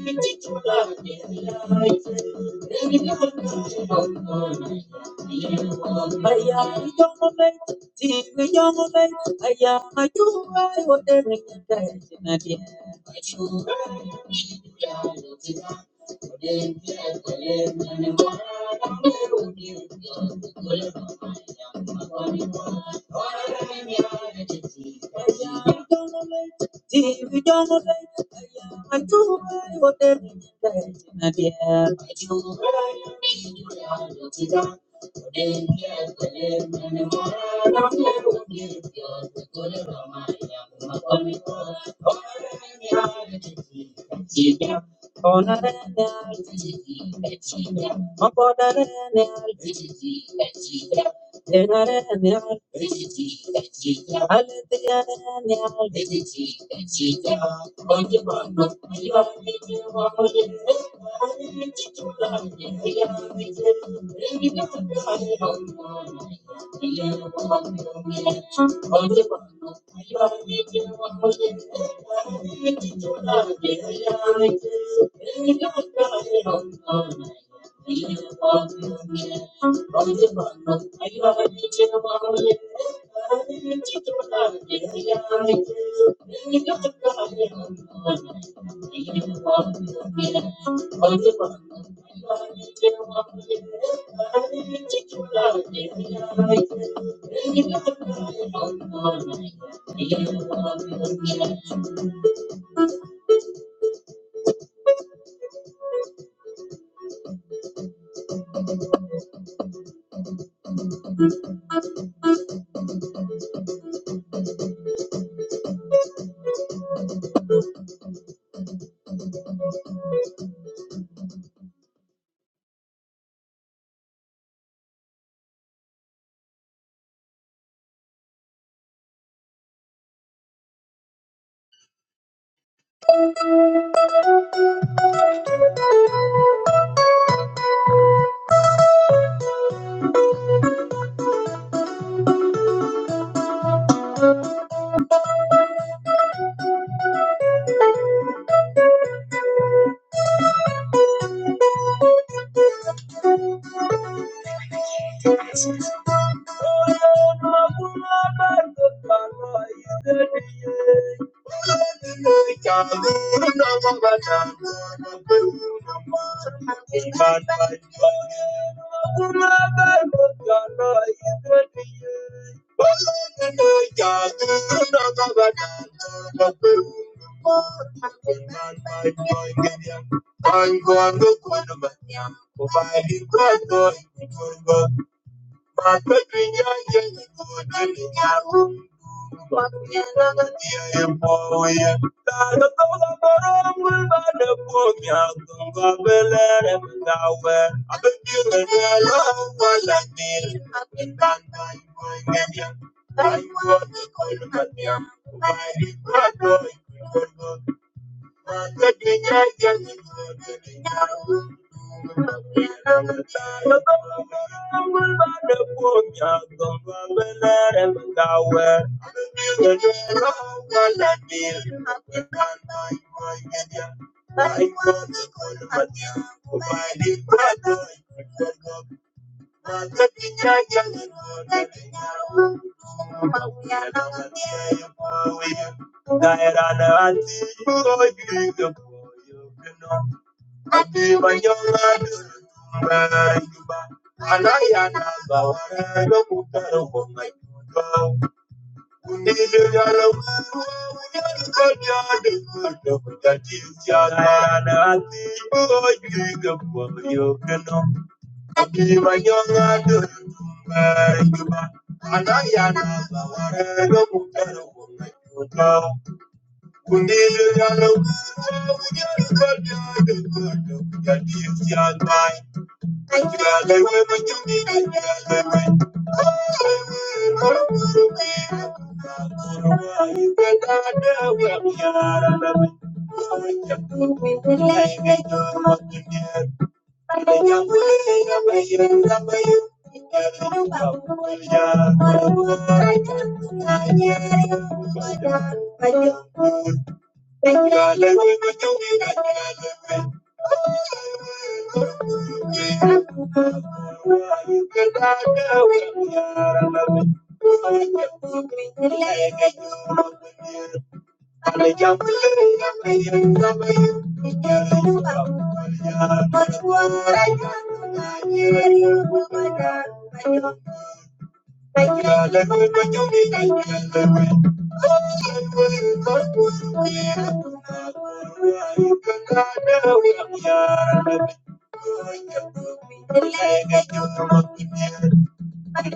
you. Ayah, Dheer da dheer, maa maala maala, dheer da dheer, maala maala, dheer da dheer, maala maala, dheer da dheer, maala maala, dheer da dheer, maala maala, dheer da dheer, maala maala, dheer da dheer, maala maala, dheer da dheer, maala maala, dheer da dheer, maala maala, dheer da dheer, maala maala, dheer da dheer, maala maala, dheer da dheer, maala maala, dheer da dheer, maala maala, dheer da dheer, maala maala, dheer da dheer, maala maala, dheer da dheer, maala maala, dheer da dheer, maala maala, dheer da dheer, maala maala, dheer da dheer, maala maala, dheer da dheer I I'm going to go to my young, providing God, Thank you. I Thank you. Thank you. Thank you. Thank you. Mà chúng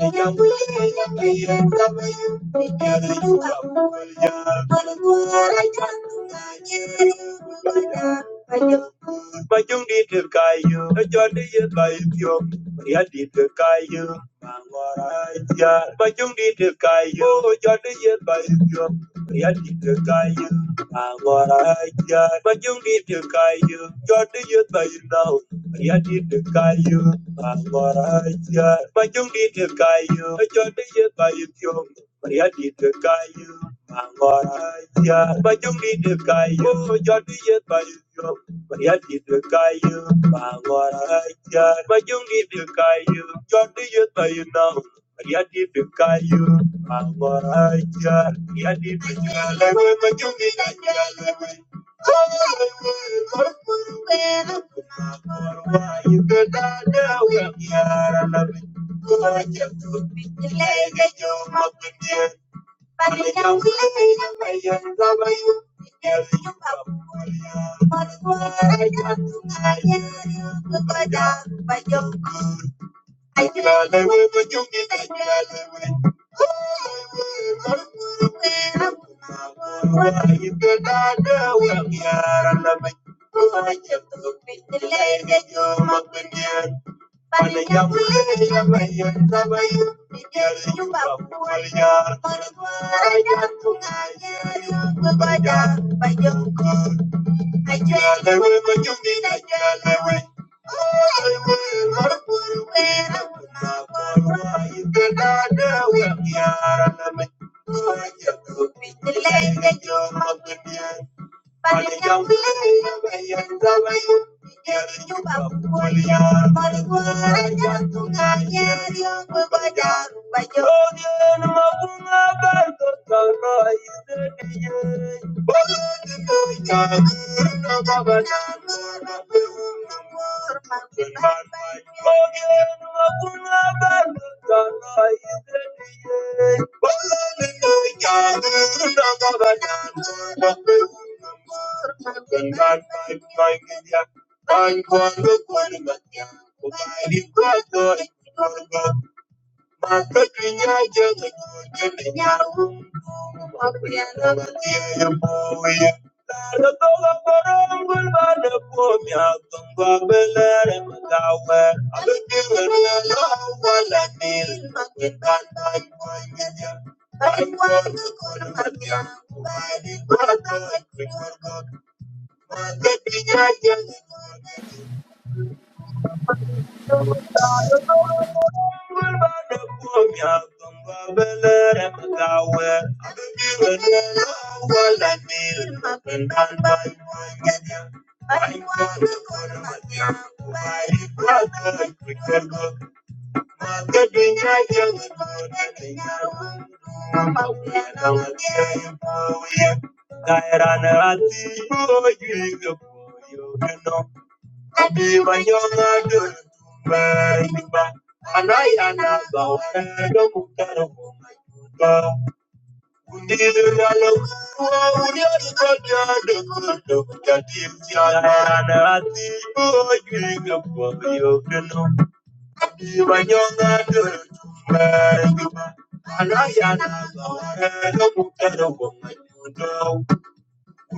đi từ cài dừa, nó cho đi yên bài thiều. Nghĩa đi từ cài dừa, mà ngồi lại giờ. Mà chúng đi từ cài dừa, nó cho đi yên bài thiều. Yadda ka kayu, amara ya majungi da kayu, yadda ya bayi nau. Yadda ka kayu, amara ya majungi da kayu, yadda ya bayi kyau. Yadda ka kayu, amara ya majungi da kayu, yadda ya bayi kyau. Yadda ka kayu, amara ya majungi da kayu, yadda ya bayi nau. Yadi Pikayu, Mangorajal, Yadi Pikayu, Majumi Kanjalawe, Kumakorwayu Kadadawe, Yaralawe, Kurajatu, Pikilega Juma Kunye, Panijawe, Yamayan Rabayu, Yadi Pikayu, Mangorajal, Kumakorwayu Kadadawe, Thank you. I Thank you. that way. Oh, Oh, I I wanna put away, away. You get me out of the way. Oh, I can't be the lady that you're not with me. Thank you. I'm going to go to my Daerah nanti, oh, you Anayana, Thank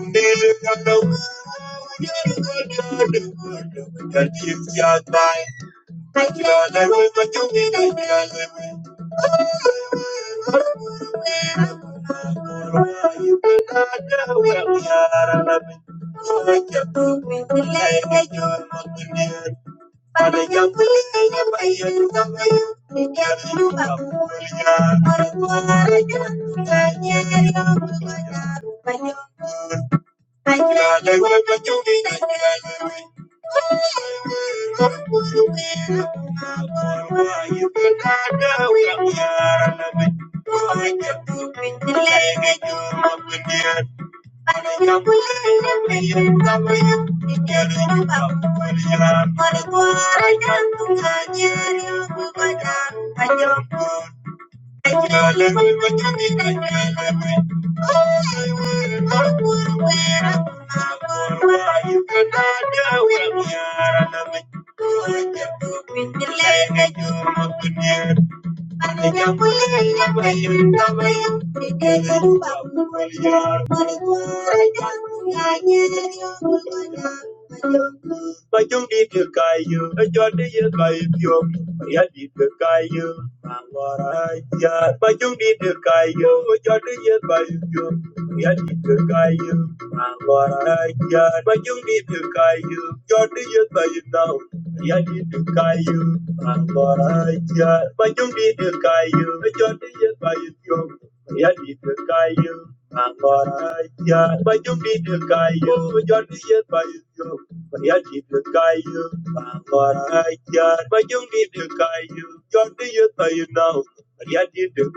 you. Thank you. Thank you. Mà chúng đi từ cài dừa, nó cho đi you, cài dừa. Mà giá you, từ cài dừa, mà ngò ra giá. Mà chúng đi từ cài dừa, nó cho đi dưới cài you. Mà giá đi từ cài dừa, mà ngò ra giá. Mà chúng đi từ cài dừa, giá. Mà giá đi từ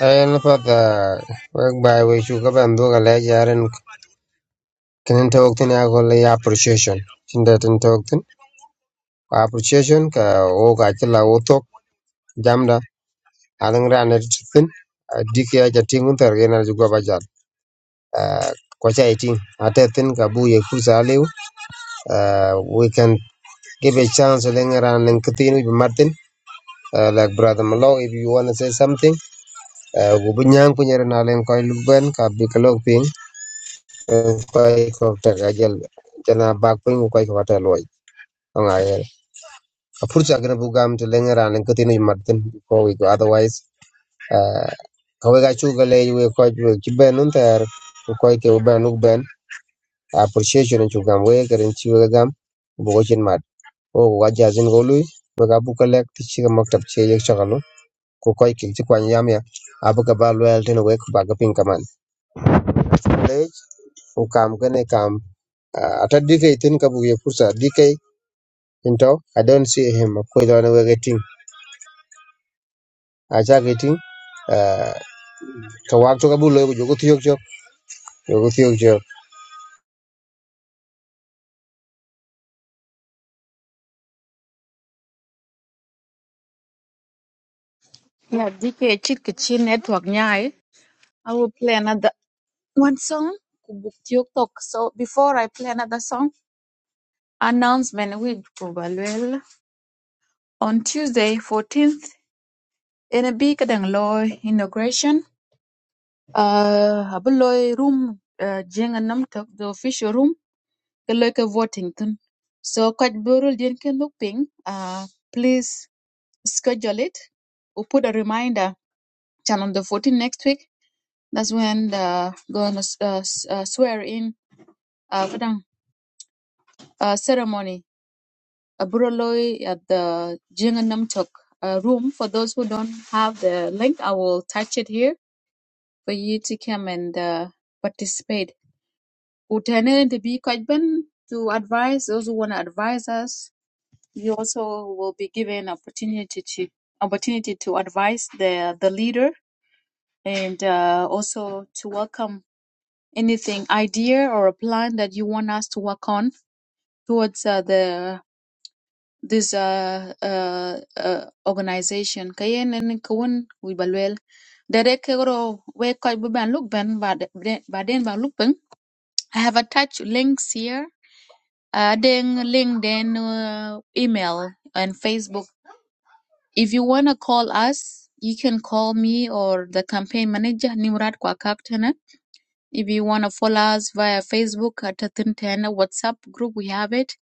And for the work by which you go and do a ledger and can talk to Nagoli appreciation. Chinda tin talk to appreciation. Ka o ka chila o jamda. Alang ran at tin. Diki aja tingun targen at go bajal. Kwacha iting. Atetin ka bu ye kusa aliu. We can give a chance. to ran and katinu martin. uh, like brother Malo, if you want to say something, uh, gubunyang kunyere na len koy luben ka bi ka lok ping koy ko ta ga jel jana bak ping koy ko ta loy nga ye a purcha gra bu gam te lenga ran len katin martin koi ko we otherwise uh, ka we ga chu ga le we ko ju ki ben un ter koy ke ben uk ben appreciation chu gam we ga ren chi we gam bu ko chin mat o wa jazin go lui we ga bu ka lek ti chi ga maktab che ye chakalu ku koy ki ci kwan yam ya abu ka ba loyal tin wek ba ga pin kaman le ku kam gane kam ah, ata dike tin ka bu ye kursa dike into i don't see him ko do na wege tin a cha ke tin ah, ka wak to ka bu loy ku jogo tiyok jok jogo tiyok jok
Yeah, DK chit ki chi network nyai. I will play another one song. Kubuk Tiyuk Tok. So before I play another song, announcement with Kubalwell on Tuesday 14th in a big kadang inauguration. Uh, abuloy room uh, jenga nam the official room keloy ke voting tun. So kwaj burul dien ke ping. Uh, please schedule it. We'll put a reminder. Channel on the 14th next week. That's when the gonna uh, s- uh, swear in uh, kadang, uh, ceremony. A buraloi at the Jinganamtok uh, room. For those who don't have the link, I will touch it here for you to come and uh, participate. Utene to be Kajben to advise those who want to advise us. You also will be given opportunity to opportunity to advise the the leader and uh, also to welcome anything idea or a plan that you want us to work on towards uh, the this uh, uh, uh, organization kayen and kawun wi balwel dere kero we koy bu ban look ben but den ba look ben i have attached links here uh then linkedin uh, email and facebook if you want to call us you can call me or the campaign manager nimrod kwakak If you want to follow us via Facebook at Tintana WhatsApp group, we have it.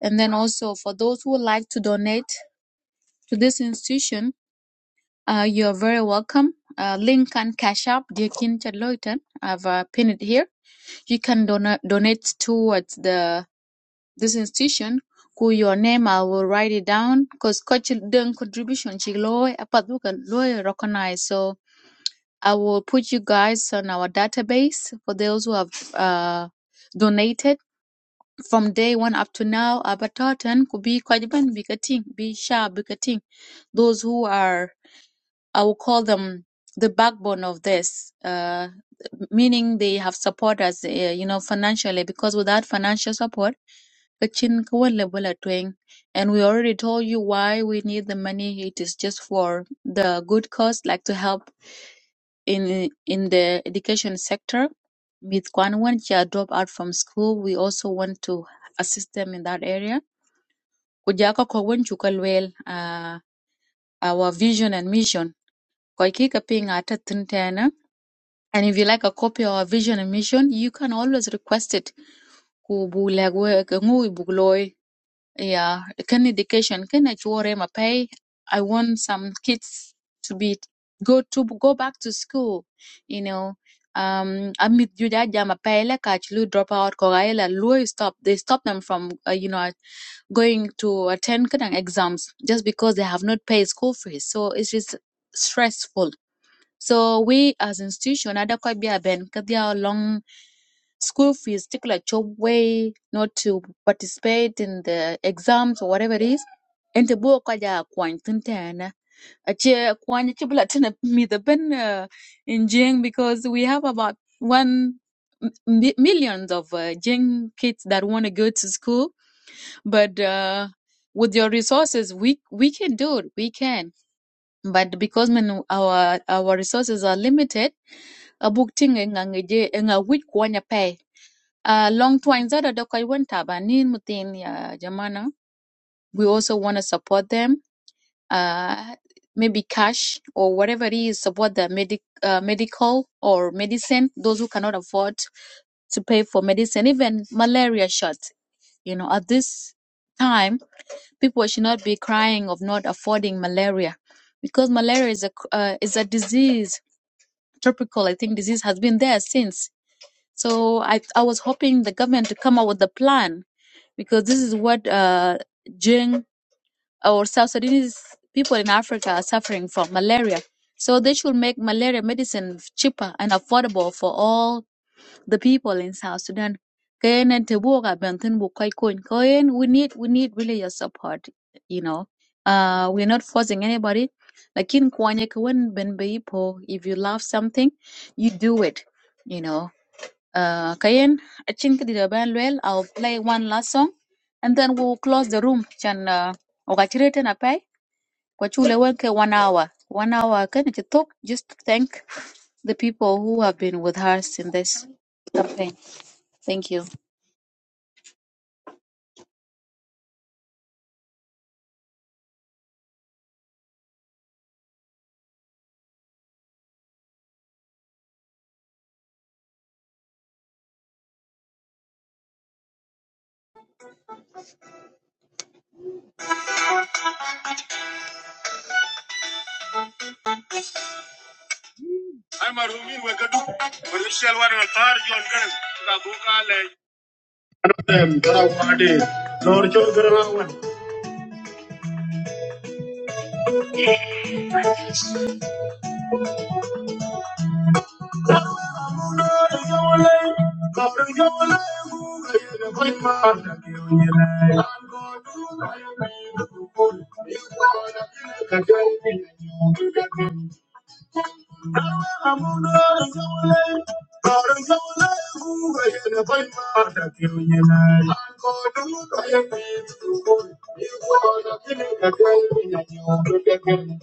And then also for those who would like to donate to this institution, uh, you are very welcome. Uh, link and cash app, dear Kin Chadloitan. I've uh, pinned it here. You can donate donate towards the this institution. Ku your name, I will write it down because coach doing contribution. She loy, but we can loy recognize. So I will put you guys on our database for those who have uh, donated from day one up to now, Abattoir 10 could be quite even bicketing, be sharp bicketing. Those who are I will call them the backbone of this, uh, meaning they have supported us, uh, you know, financially, because without financial support, the chin ka wen level at wing. and we already told you why we need the money. It is just for the good cause, like to help in in the education sector. With Kwan when she drop out from school, we also want to assist them in that area. Ku ja ka ko wen chu uh, Our vision and mission Kwa hakika pia ingathathin tena. And if you like a copy or a vision and mission, you can always request it. Ku bulagwe ngui bugloi. Yeah, can education can chwore pay. I want some kids to be go to go back to school. You know, um, amit jujaja mapay le kachlu drop out kogaela lui stop. They stop them from uh, you know going to attend kadang exams just because they have not paid school fees. So it's just stressful so we as institution ada ko bia ben kadia long school fees particular job way not to participate in the exams or whatever it is. And the book kaja kwany tintana. Ache kwany chibla tina mi the ben uh, in Jing because we have about one m- millions of uh, Jing kids that want to go to school, but uh, with your resources, we we can do it. We can, but because when our our resources are limited abuk ting e nga ngeje e kwanya pay uh, long twine zada do koy won tabanin mutin ya jamana we also want to support them uh, maybe cash or whatever it is support the medic uh, medical or medicine those who cannot afford to pay for medicine even malaria shots you know at this time people should not be crying of not affording malaria because malaria is a c- uh, is a disease tropical i think disease has been there since so I, I was hoping the government to come up with a plan because this is what uh, Jing or South Sudanese people in Africa are suffering from malaria. So they should make malaria medicine cheaper and affordable for all the people in South Sudan. Kayen and Tebuoga Benton Bukai Kun. Kayen, we need we need really your support, you know. Uh, we're not forcing anybody. Like in Kwanya, Kwen Ben Beipo, if you love something, you do it, you know uh, Kayen, I think the band well. I'll play one last song, and then we'll close the room. Chan uh, okachirete na pay kwachule wenke one hour. One hour can it talk just to thank the people who have been with us in this campaign. Thank you.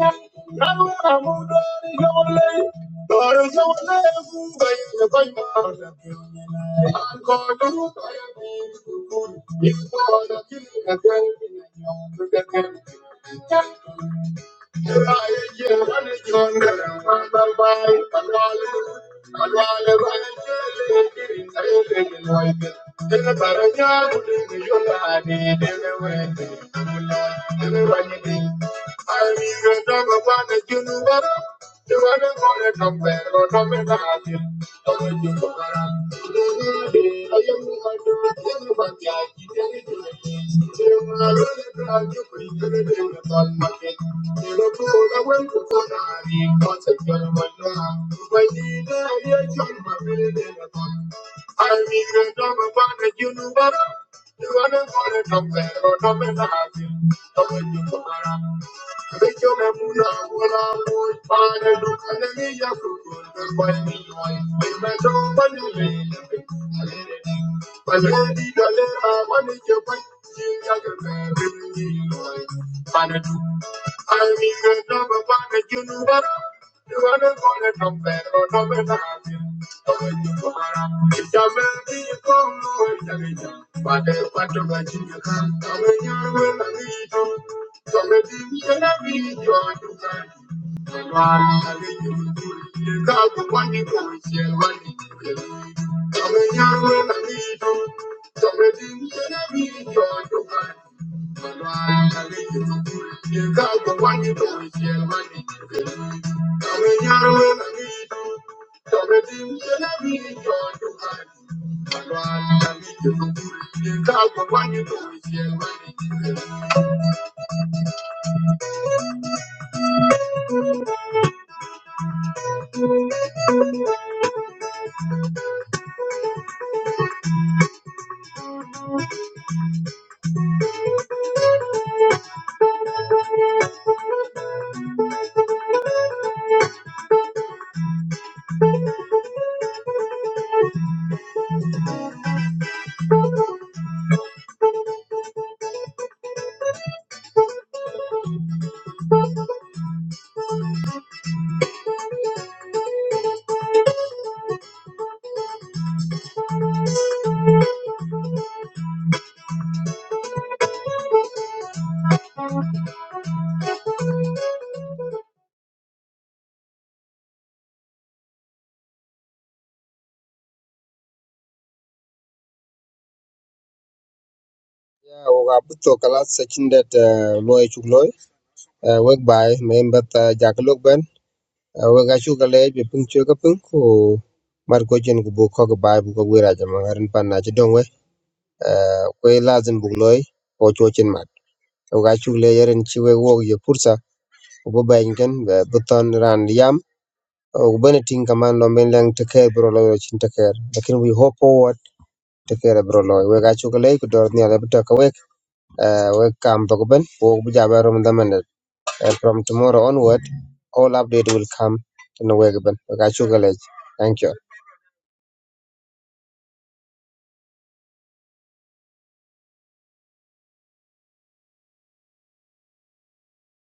I'm caught up in the moment. You're my only light. I'm caught up in the moment. You're my only light. I'm you are the only compare or coming back in. Don't let you go I am the one who but I can't do it. You are only to be the little one market. You know, for the way to go down, you can't take I money now. When you die, you're John, my little one. I mean, the number one that you know better. You are the only compare or coming back in. Don't let you go around. Thank you. I I wanted your Thank you. got a I mean, you never wanted you do that. You want to go to come back or not, but I it's a baby, you come away. But I want to watch you come, come and you will be. So maybe you can have me, you Thank you.
o ga bu to kala sakin det loy chuk loy wek bai me mbat jak lok ben wek ga chu ka le be pin chu ka pin ko mar ko jen ku bu ko ga bai bu ko wera jama harin pan na ci don kwe lazim buk loy ko cho chin mat o ga chuk le yeren chi we wo ye pursa o bo ben ken bu ton ran yam o bene ting kaman no men lang te care bro loy chin te care lakin we hope forward te care bro loy we ga chuk le ko dor ni ala bu ta ka we we kam to ben wo bu ja ba rom da men from tomorrow onward all update will come to no we ben we ga chuk le thank you